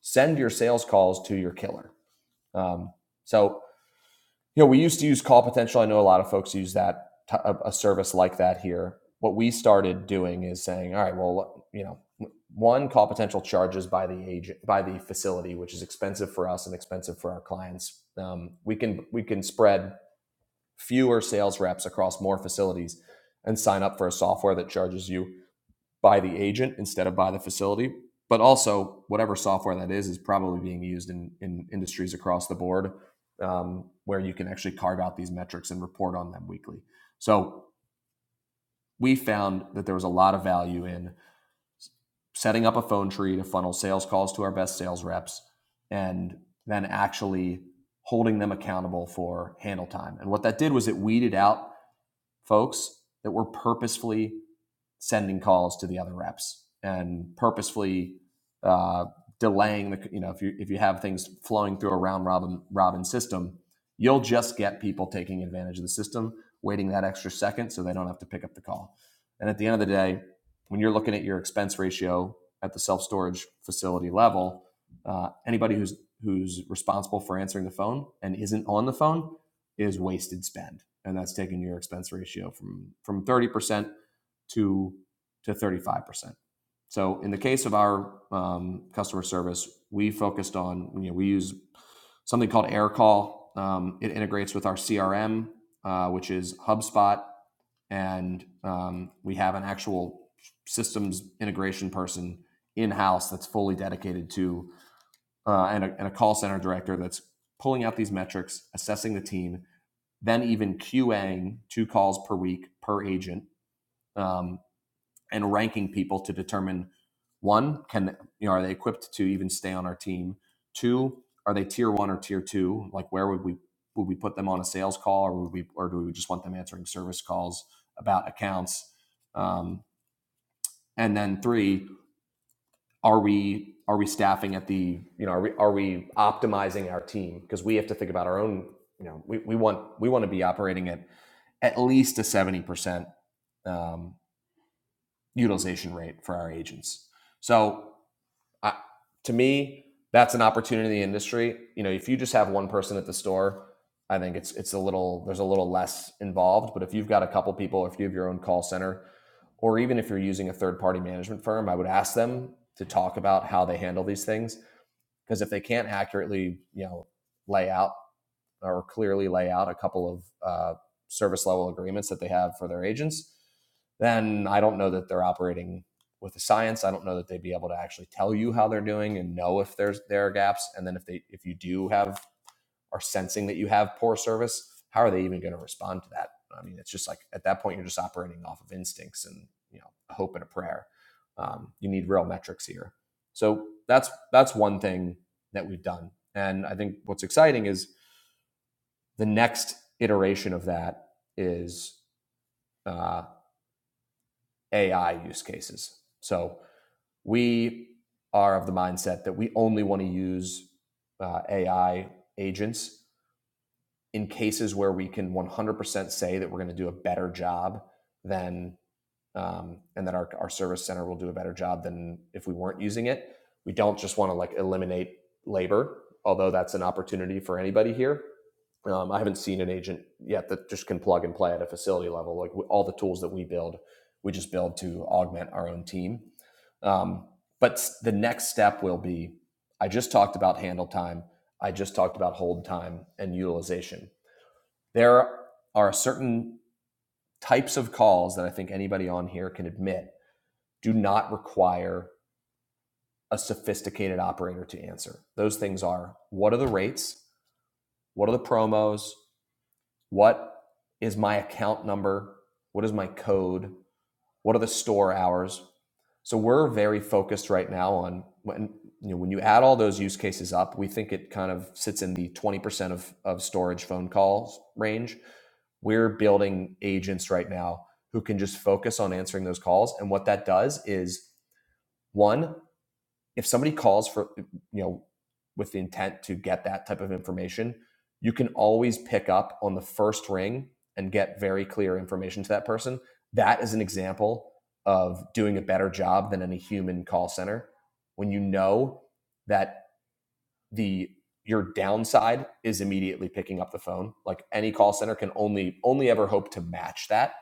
Send your sales calls to your killer. Um, so you know, we used to use call potential. I know a lot of folks use that a service like that here. What we started doing is saying, all right, well, you know, one call potential charges by the agent by the facility, which is expensive for us and expensive for our clients. Um, we can we can spread fewer sales reps across more facilities and sign up for a software that charges you by the agent instead of by the facility. But also, whatever software that is is probably being used in, in industries across the board um, where you can actually carve out these metrics and report on them weekly. So we found that there was a lot of value in setting up a phone tree to funnel sales calls to our best sales reps and then actually holding them accountable for handle time. And what that did was it weeded out folks that were purposefully sending calls to the other reps and purposefully uh, delaying the you know if you if you have things flowing through a round robin robin system, you'll just get people taking advantage of the system, waiting that extra second so they don't have to pick up the call. And at the end of the day, when you're looking at your expense ratio at the self storage facility level, uh, anybody who's who's responsible for answering the phone and isn't on the phone is wasted spend, and that's taking your expense ratio from from thirty percent to to 35%. So in the case of our um, customer service, we focused on you know we use something called AirCall. Um, it integrates with our CRM, uh, which is HubSpot, and um, we have an actual systems integration person in house that's fully dedicated to uh, and, a, and a call center director that's pulling out these metrics, assessing the team, then even QAing two calls per week per agent um, and ranking people to determine one, can you know, are they equipped to even stay on our team? Two, are they tier one or tier two? Like where would we would we put them on a sales call or would we or do we just want them answering service calls about accounts? Um, and then three, are we are we staffing at the you know are we are we optimizing our team because we have to think about our own you know we, we want we want to be operating at at least a 70% um, utilization rate for our agents so I, to me, that's an opportunity in the industry. You know, if you just have one person at the store, I think it's it's a little there's a little less involved. But if you've got a couple people, if you have your own call center, or even if you're using a third party management firm, I would ask them to talk about how they handle these things because if they can't accurately, you know, lay out or clearly lay out a couple of uh, service level agreements that they have for their agents, then I don't know that they're operating with the science. I don't know that they'd be able to actually tell you how they're doing and know if there's there are gaps. And then if they if you do have are sensing that you have poor service, how are they even going to respond to that? I mean, it's just like at that point you're just operating off of instincts and you know a hope and a prayer. Um, you need real metrics here. So that's that's one thing that we've done. And I think what's exciting is the next iteration of that is uh, AI use cases. So we are of the mindset that we only want to use uh, AI agents in cases where we can 100% say that we're going to do a better job than um, and that our, our service center will do a better job than if we weren't using it we don't just want to like eliminate labor although that's an opportunity for anybody here um, i haven't seen an agent yet that just can plug and play at a facility level like we, all the tools that we build we just build to augment our own team um, but the next step will be i just talked about handle time i just talked about hold time and utilization there are certain types of calls that i think anybody on here can admit do not require a sophisticated operator to answer. Those things are what are the rates? What are the promos? What is my account number? What is my code? What are the store hours? So we're very focused right now on when you know when you add all those use cases up, we think it kind of sits in the 20% of, of storage phone calls range. We're building agents right now who can just focus on answering those calls. And what that does is one, if somebody calls for you know with the intent to get that type of information you can always pick up on the first ring and get very clear information to that person that is an example of doing a better job than any human call center when you know that the your downside is immediately picking up the phone like any call center can only only ever hope to match that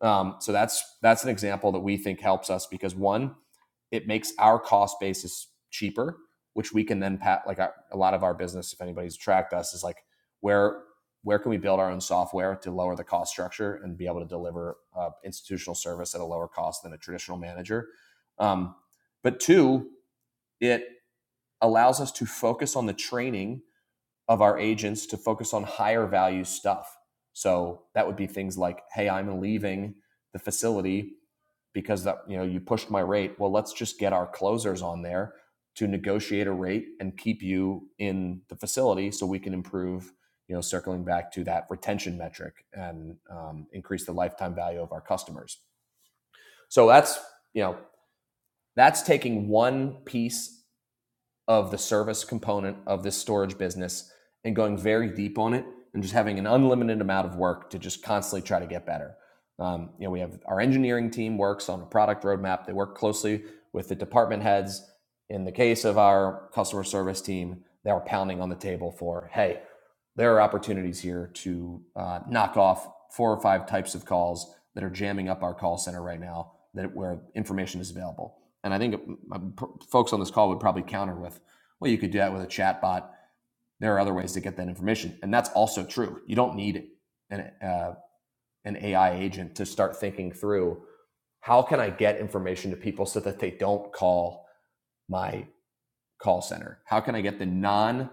um, so that's that's an example that we think helps us because one, it makes our cost basis cheaper, which we can then pat like our, a lot of our business. If anybody's tracked us, is like where where can we build our own software to lower the cost structure and be able to deliver uh, institutional service at a lower cost than a traditional manager. Um, but two, it allows us to focus on the training of our agents to focus on higher value stuff. So that would be things like, hey, I'm leaving the facility because that you know you pushed my rate. Well, let's just get our closers on there to negotiate a rate and keep you in the facility so we can improve you know circling back to that retention metric and um, increase the lifetime value of our customers so that's you know that's taking one piece of the service component of this storage business and going very deep on it and just having an unlimited amount of work to just constantly try to get better. Um, you know, we have our engineering team works on a product roadmap. They work closely with the department heads. In the case of our customer service team, they are pounding on the table for, hey, there are opportunities here to uh, knock off four or five types of calls that are jamming up our call center right now that where information is available and I think um, uh, folks on this call would probably counter with, well, you could do that with a chat bot. There are other ways to get that information. And that's also true. You don't need an, uh, an AI agent to start thinking through how can I get information to people so that they don't call my call center? How can I get the non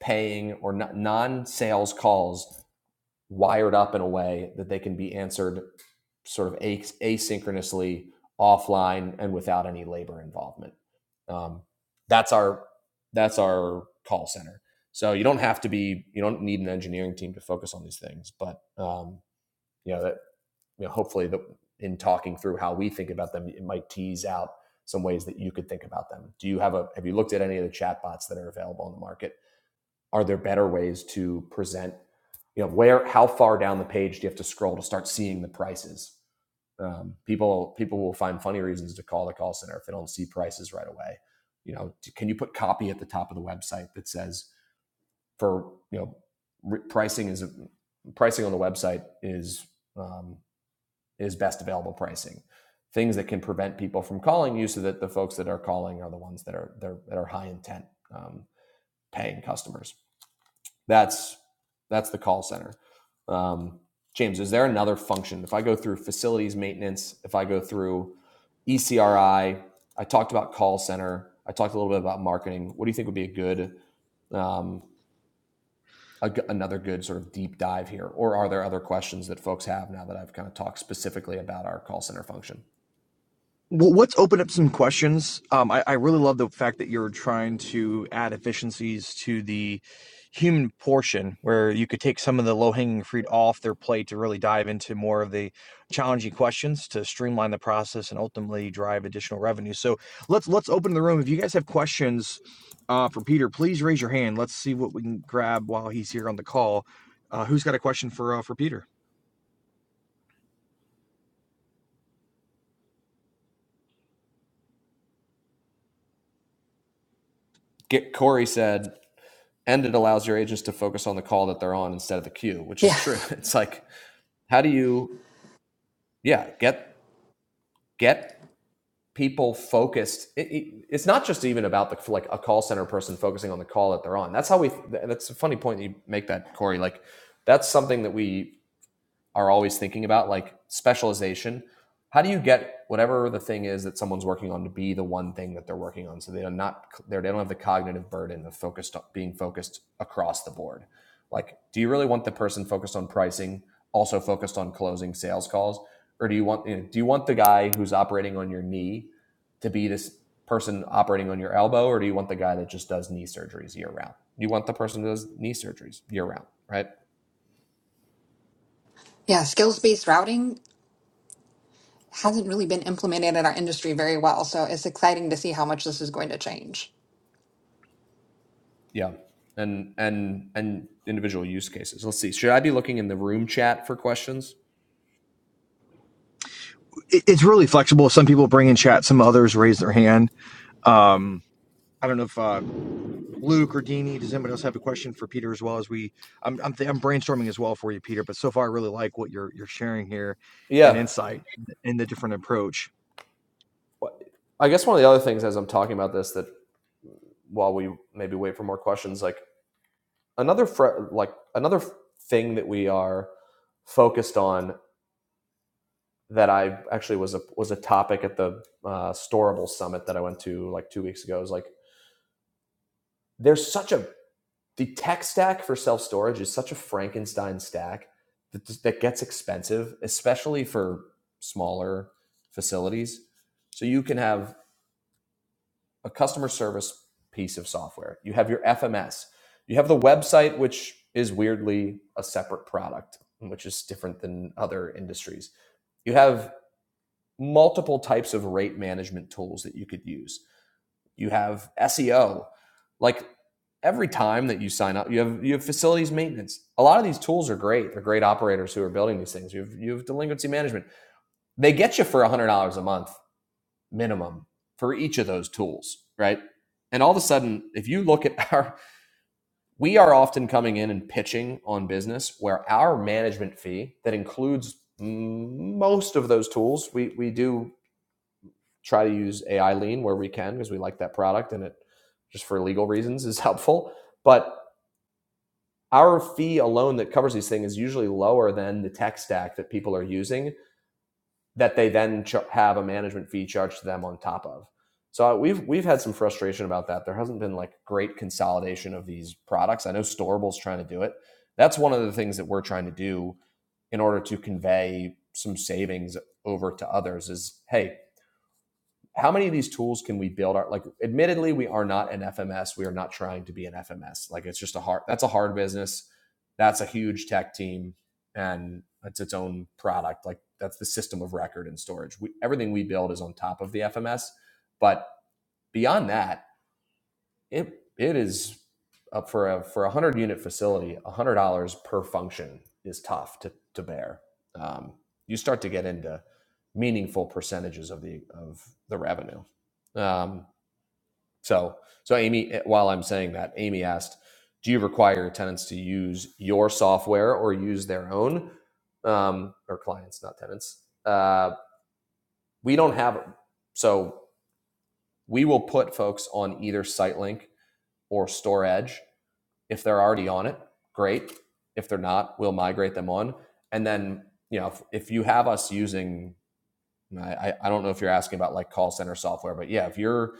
paying or non sales calls wired up in a way that they can be answered sort of asynchronously offline and without any labor involvement um, that's our that's our call center so you don't have to be you don't need an engineering team to focus on these things but um, you know that you know hopefully that in talking through how we think about them it might tease out some ways that you could think about them do you have a have you looked at any of the chatbots that are available on the market are there better ways to present you know where how far down the page do you have to scroll to start seeing the prices um, people people will find funny reasons to call the call center if they don't see prices right away you know can you put copy at the top of the website that says for you know re- pricing is pricing on the website is um, is best available pricing things that can prevent people from calling you so that the folks that are calling are the ones that are are that are high intent um, paying customers that's that's the call center. Um, James, is there another function? If I go through facilities maintenance, if I go through ECRI, I I talked about call center. I talked a little bit about marketing. What do you think would be a good, um, a g another good sort of deep dive here? Or are there other questions that folks have now that I've kind of talked specifically about our call center function? Well, let's open up some questions. Um, I, I really love the fact that you're trying to add efficiencies to the human portion, where you could take some of the low hanging fruit off their plate to really dive into more of the challenging questions to streamline the process and ultimately drive additional revenue. So let's let's open the room. If you guys have questions uh, for Peter, please raise your hand. Let's see what we can grab while he's here on the call. Uh, who's got a question for uh, for Peter? Get, Corey said, and it allows your agents to focus on the call that they're on instead of the queue, which is Yeah. true. <laughs> It's like, how do you, yeah, get get people focused it, it- it's not just even about the like a call center person focusing on the call that they're on that's how we that's a funny point you make that corey like that's something that we are always thinking about, like specialization. How do you get whatever the thing is that someone's working on to be the one thing that they're working on, so they are not they don't have the cognitive burden of focused being focused across the board. Like, do you really want the person focused on pricing also focused on closing sales calls, or do you want you know, do you want the guy who's operating on your knee to be this person operating on your elbow, or do you want the guy that just does knee surgeries year round? You want the person who does knee surgeries year round, right? Yeah, skills-based routing hasn't really been implemented in our industry very well, so it's exciting to see how much this is going to change. Yeah. And and and individual use cases. Let's see. Should I be looking in the room chat for questions? It, it's really flexible. Some people bring in chat, some others raise their hand. Um, I don't know if uh, Luke or Dini, does anybody else have a question for Peter as well as we, I'm, I'm, th- I'm brainstorming as well for you, Peter, but so far I really like what you're, you're sharing here and Yeah. insight and the different approach. I guess one of the other things as I'm talking about this that while we maybe wait for more questions, like another fr- like another thing that we are focused on that I actually was a was a topic at the uh, Storable Summit that I went to like two weeks ago is like there's such a the tech stack for self storage is such a Frankenstein stack that, that gets expensive, especially for smaller facilities. So you can have a customer service piece of software, you have your FMS, you have the website, which is weirdly a separate product, which is different than other industries. You have multiple types of rate management tools that you could use you have SEO. Like every time that you sign up, you have you have facilities maintenance. A lot of these tools are great. They're great operators who are building these things. You have you have delinquency management. They get you for one hundred dollars a month minimum for each of those tools, right? And all of a sudden, if you look at our, we are often coming in and pitching on business where our management fee that includes most of those tools, we we do try to use AI lean where we can because we like that product and it just for legal reasons is <laughs> helpful. But our fee alone that covers these things is usually lower than the tech stack that people are using that they then ch- have a management fee charged to them on top of. So uh, we've we've had some frustration about that. There hasn't been like great consolidation of these products. I know Storable's trying to do it. That's one of the things that we're trying to do in order to convey some savings over to others is hey, how many of these tools can we build our like admittedly we are not an fms we are not trying to be an fms like it's just a hard that's a hard business that's a huge tech team and it's its own product like that's the system of record and storage we, everything we build is on top of the fms but beyond that it it is up for a for a hundred unit facility. A hundred dollars per function is tough to to bear. Um, you start to get into meaningful percentages of the of the revenue. Um, so so Amy, eh, while I'm saying that, Amy asked, "Do you require tenants to use your software or use their own?" Um, or clients, not tenants. Uh, we don't have so we will put folks on either SiteLink or StoreEdge If they're already on it, great. If they're not, we'll migrate them on. And then, you know, if, if you have us using and I, I don't know if you're asking about like call center software, but yeah, if you're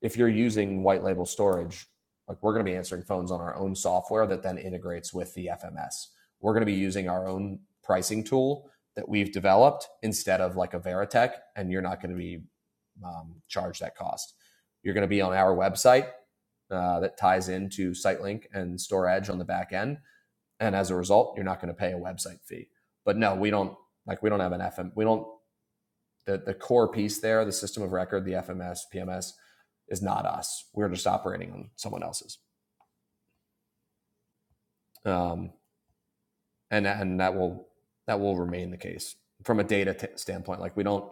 if you're using white label storage, like we're going to be answering phones on our own software that then integrates with the FMS. We're going to be using our own pricing tool that we've developed instead of like a Veritech, and you're not going to be um, charged that cost. You're going to be on our website uh, that ties into SiteLink and StoreEdge on the back end, and as a result, you're not going to pay a website fee. But no, we don't like we don't have an FM. We don't the, the core piece there, the system of record, the FMS, PMS, is not us. We're just operating on someone else's, um, and and that will that will remain the case from a data t- standpoint. Like we don't,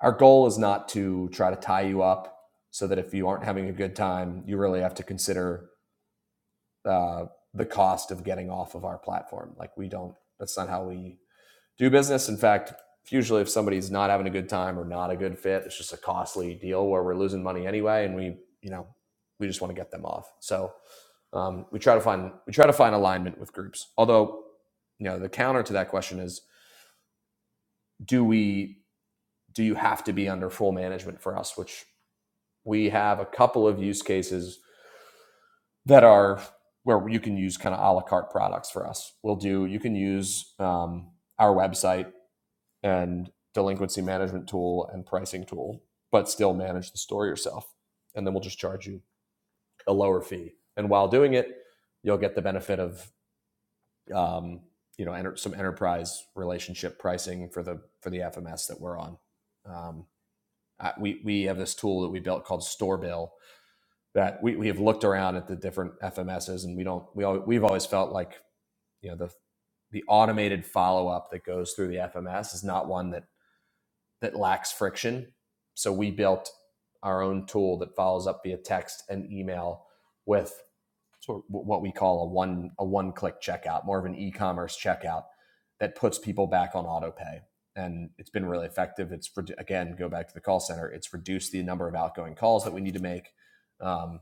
our goal is not to try to tie you up so that if you aren't having a good time, you really have to consider uh, the cost of getting off of our platform. Like we don't. That's not how we do business. In fact, usually if somebody's not having a good time or not a good fit, it's just a costly deal where we're losing money anyway, and we, you know, we just want to get them off. So um, we try to find we try to find alignment with groups. Although, you know, the counter to that question is, do we do you have to be under full management for us? Which we have a couple of use cases that are where you can use kind of a la carte products for us. We'll do you can use um, our website and delinquency management tool and pricing tool, but still manage the store yourself. And then we'll just charge you a lower fee. And while doing it, you'll get the benefit of um, you know enter, some enterprise relationship pricing for the for the FMS that we're on. Um, I, we we have this tool that we built called Store Bill that we, we have looked around at the different FMSs and we don't we all we've always felt like you know the the automated follow up that goes through the FMS is not one that that lacks friction. So we built our own tool that follows up via text and email with sort of what we call a one a one click checkout, more of an e-commerce checkout that puts people back on auto pay. And it's been really effective. It's again go back to the call center. It's reduced the number of outgoing calls that we need to make. Um,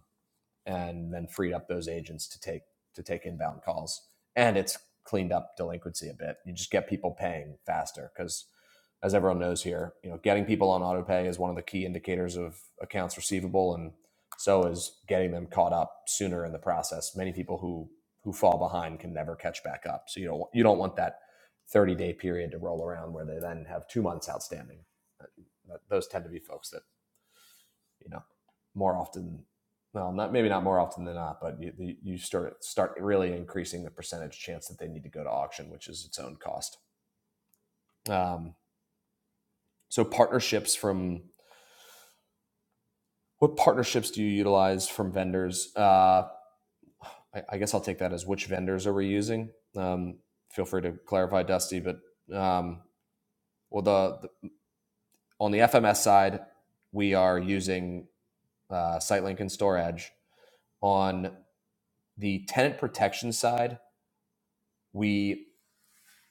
and then freed up those agents to take to take inbound calls. And it's cleaned up delinquency a bit. You just get people paying faster because, as everyone knows here, you know, getting people on auto pay is one of the key indicators of accounts receivable, and so is getting them caught up sooner in the process. Many people who who fall behind can never catch back up. So you don't you don't want that thirty day period to roll around where they then have two months outstanding. Those tend to be folks that you know, more often, well, not maybe not more often than not, but you, you- start start really increasing the percentage chance that they need to go to auction, which is its own cost. Um, so partnerships from what partnerships do you utilize from vendors? Uh, I, I guess I'll take that as which vendors are we using. Um, feel free to clarify, Dusty. But um, well, the, the on the FMS side, we are using uh, SiteLink and StoreEdge. On the tenant protection side, we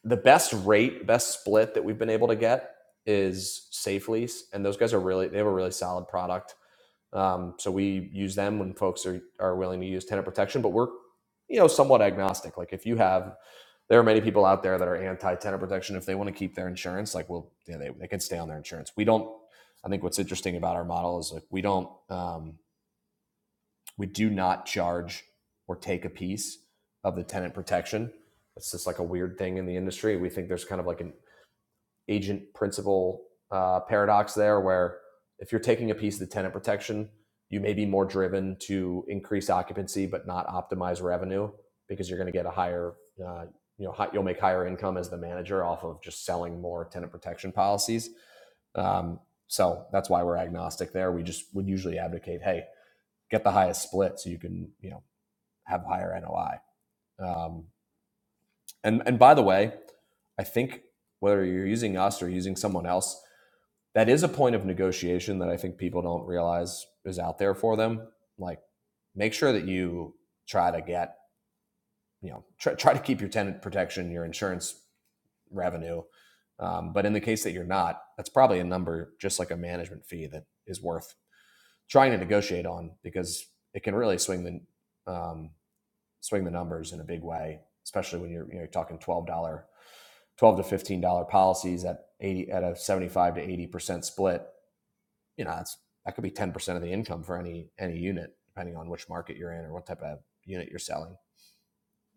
the best rate, best split that we've been able to get is Safe Lease, and those guys are really they have a really solid product. Um, so we use them when folks are are willing to use tenant protection, but we're you know somewhat agnostic. Like if you have, there are many people out there that are anti tenant protection. If they want to keep their insurance, like well, yeah, they they can stay on their insurance. We don't. I think what's interesting about our model is like we don't um, we do not charge or take a piece of the tenant protection. It's just like a weird thing in the industry. We think there's kind of like an agent principal uh, paradox there, where if you're taking a piece of the tenant protection, you may be more driven to increase occupancy but not optimize revenue because you're going to get a higher, uh, you know, hi- you'll make higher income as the manager off of just selling more tenant protection policies. Um, so that's why we're agnostic there. We just would usually advocate, hey, get the highest split so you can, you know, have higher NOI. Um, and and by the way, I think whether you're using us or using someone else, that is a point of negotiation that I think people don't realize is out there for them. Like, make sure that you try to get, you know, try, try to keep your tenant protection, your insurance revenue. Um, but in the case that you're not, that's probably a number just like a management fee that is worth trying to negotiate on because it can really swing the um, swing the numbers in a big way, especially when you're you know you're talking twelve dollar, twelve to fifteen dollar policies at eighty at a seventy five to eighty percent split you know, that's that could be 10% of the income for any any unit, depending on which market you're in or what type of unit you're selling.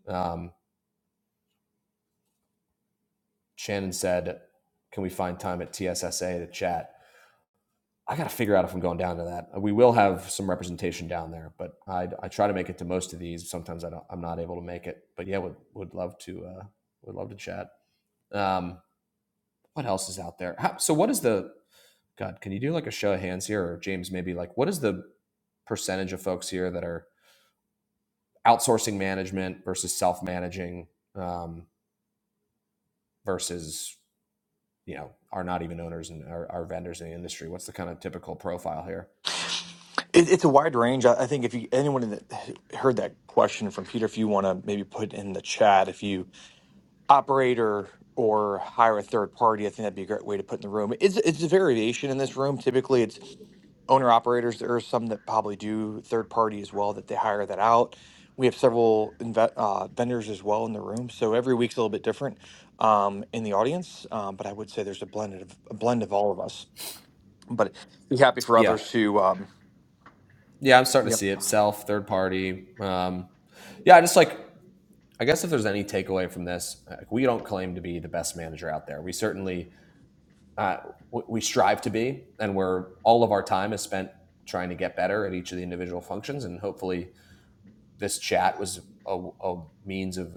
Um, Shannon said, "Can we find time at TSSA to chat?" I got to figure out if I'm going down to that. We will have some representation down there, but I, I try to make it to most of these. Sometimes I don't, I'm not able to make it, but yeah, would would love to uh, would love to chat. Um, what else is out there? How, so what is the God? Can you do like a show of hands here, or James? Maybe like what is the percentage of folks here that are outsourcing management versus self-managing um, versus you know are not even owners and are, are vendors in the industry what's the kind of typical profile here It, it's a wide range. I, I think if you anyone that heard that question from Peter, if you want to maybe put in the chat, if you operator or hire a third party. I think that'd be a great way to put in the room. It's it's a variation in this room. Typically, it's owner operators. There are some that probably do third party as well that they hire that out. We have several inve- uh, vendors as well in the room, so every week's a little bit different um, in the audience. Um, but I would say there's a blended of a blend of all of us. But be happy for yeah others who. Um, yeah i'm starting to see it self third party um, yeah I just like i guess if there's any takeaway from this like, we don't claim to be the best manager out there we certainly uh, w- we strive to be and we're all of our time is spent trying to get better at each of the individual functions and hopefully this chat was a, a means of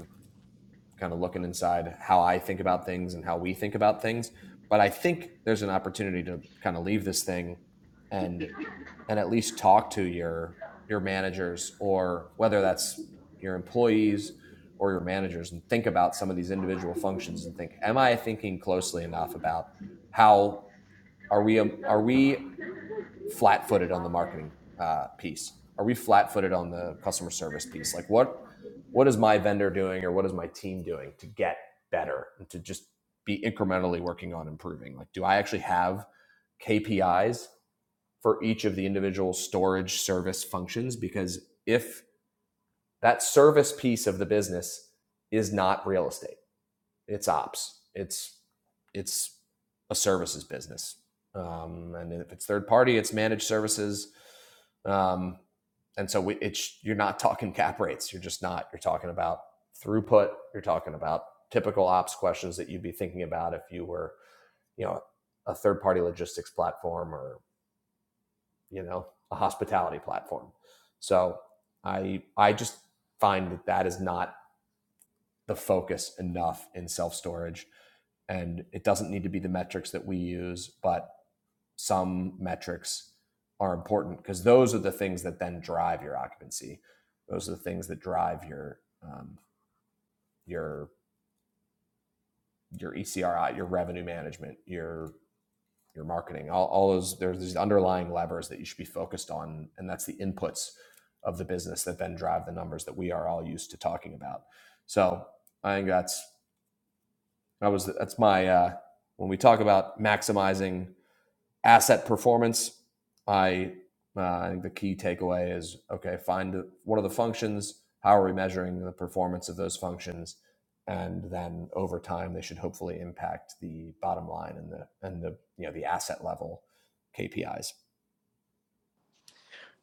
kind of looking inside how I think about things and how we think about things. But I think there's an opportunity to kind of leave this thing and and at least talk to your your managers or whether that's your employees or your managers and think about some of these individual functions and think am i thinking closely enough about how are we um, are we flat-footed on the marketing uh, piece? Are we flat-footed on the customer service piece? Like what what is my vendor doing or what is my team doing to get better and to just be incrementally working on improving? Like do I actually have KPIs for each of the individual storage service functions because if that service piece of the business is not real estate it's ops. It's it's a services business, um, and if it's third party, it's managed services. Um, and so we, it's you're not talking cap rates. You're just not. You're talking about throughput. You're talking about typical ops questions that you'd be thinking about if you were, you know, a third party logistics platform or you know a hospitality platform. So I I just find that that is not the focus enough in self storage. And it doesn't need to be the metrics that we use, but some metrics are important because those are the things that then drive your occupancy. Those are the things that drive your um, your your ECRI, your revenue management, your your marketing, all, all those there's these underlying levers that you should be focused on, and that's the inputs of the business that then drive the numbers that we are all used to talking about. So I think that's I was that's my uh, when we talk about maximizing asset performance. I uh, I think the key takeaway is okay. Find what are the functions? How are we measuring the performance of those functions? And then over time, they should hopefully impact the bottom line and the and the you know the asset level KPIs.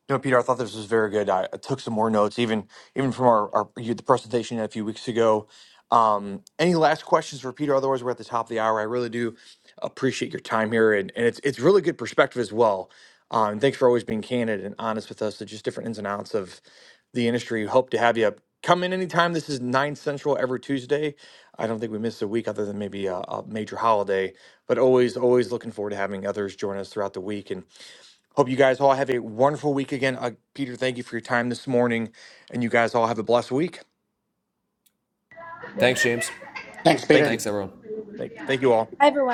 No, Peter, I thought this was very good. I, I took some more notes, even even from our, our you- the presentation a few weeks ago. Um, any last questions for Peter? Otherwise, we're at the top of the hour. I really do appreciate your time here, and, and it's it's really good perspective as well. Um, thanks for always being candid and honest with us. It's just different ins and outs of the industry. Hope to have you come in anytime. This is nine central every Tuesday. I don't think we miss a week other than maybe a, a major holiday, but always always looking forward to having others join us throughout the week. and. Hope you guys all have a wonderful week again. Uh, Peter, thank you for your time this morning, and you guys all have a blessed week. Thanks, James. Thanks, Peter. Thank you. Thanks, everyone. Thank, thank you all. Hi, everyone.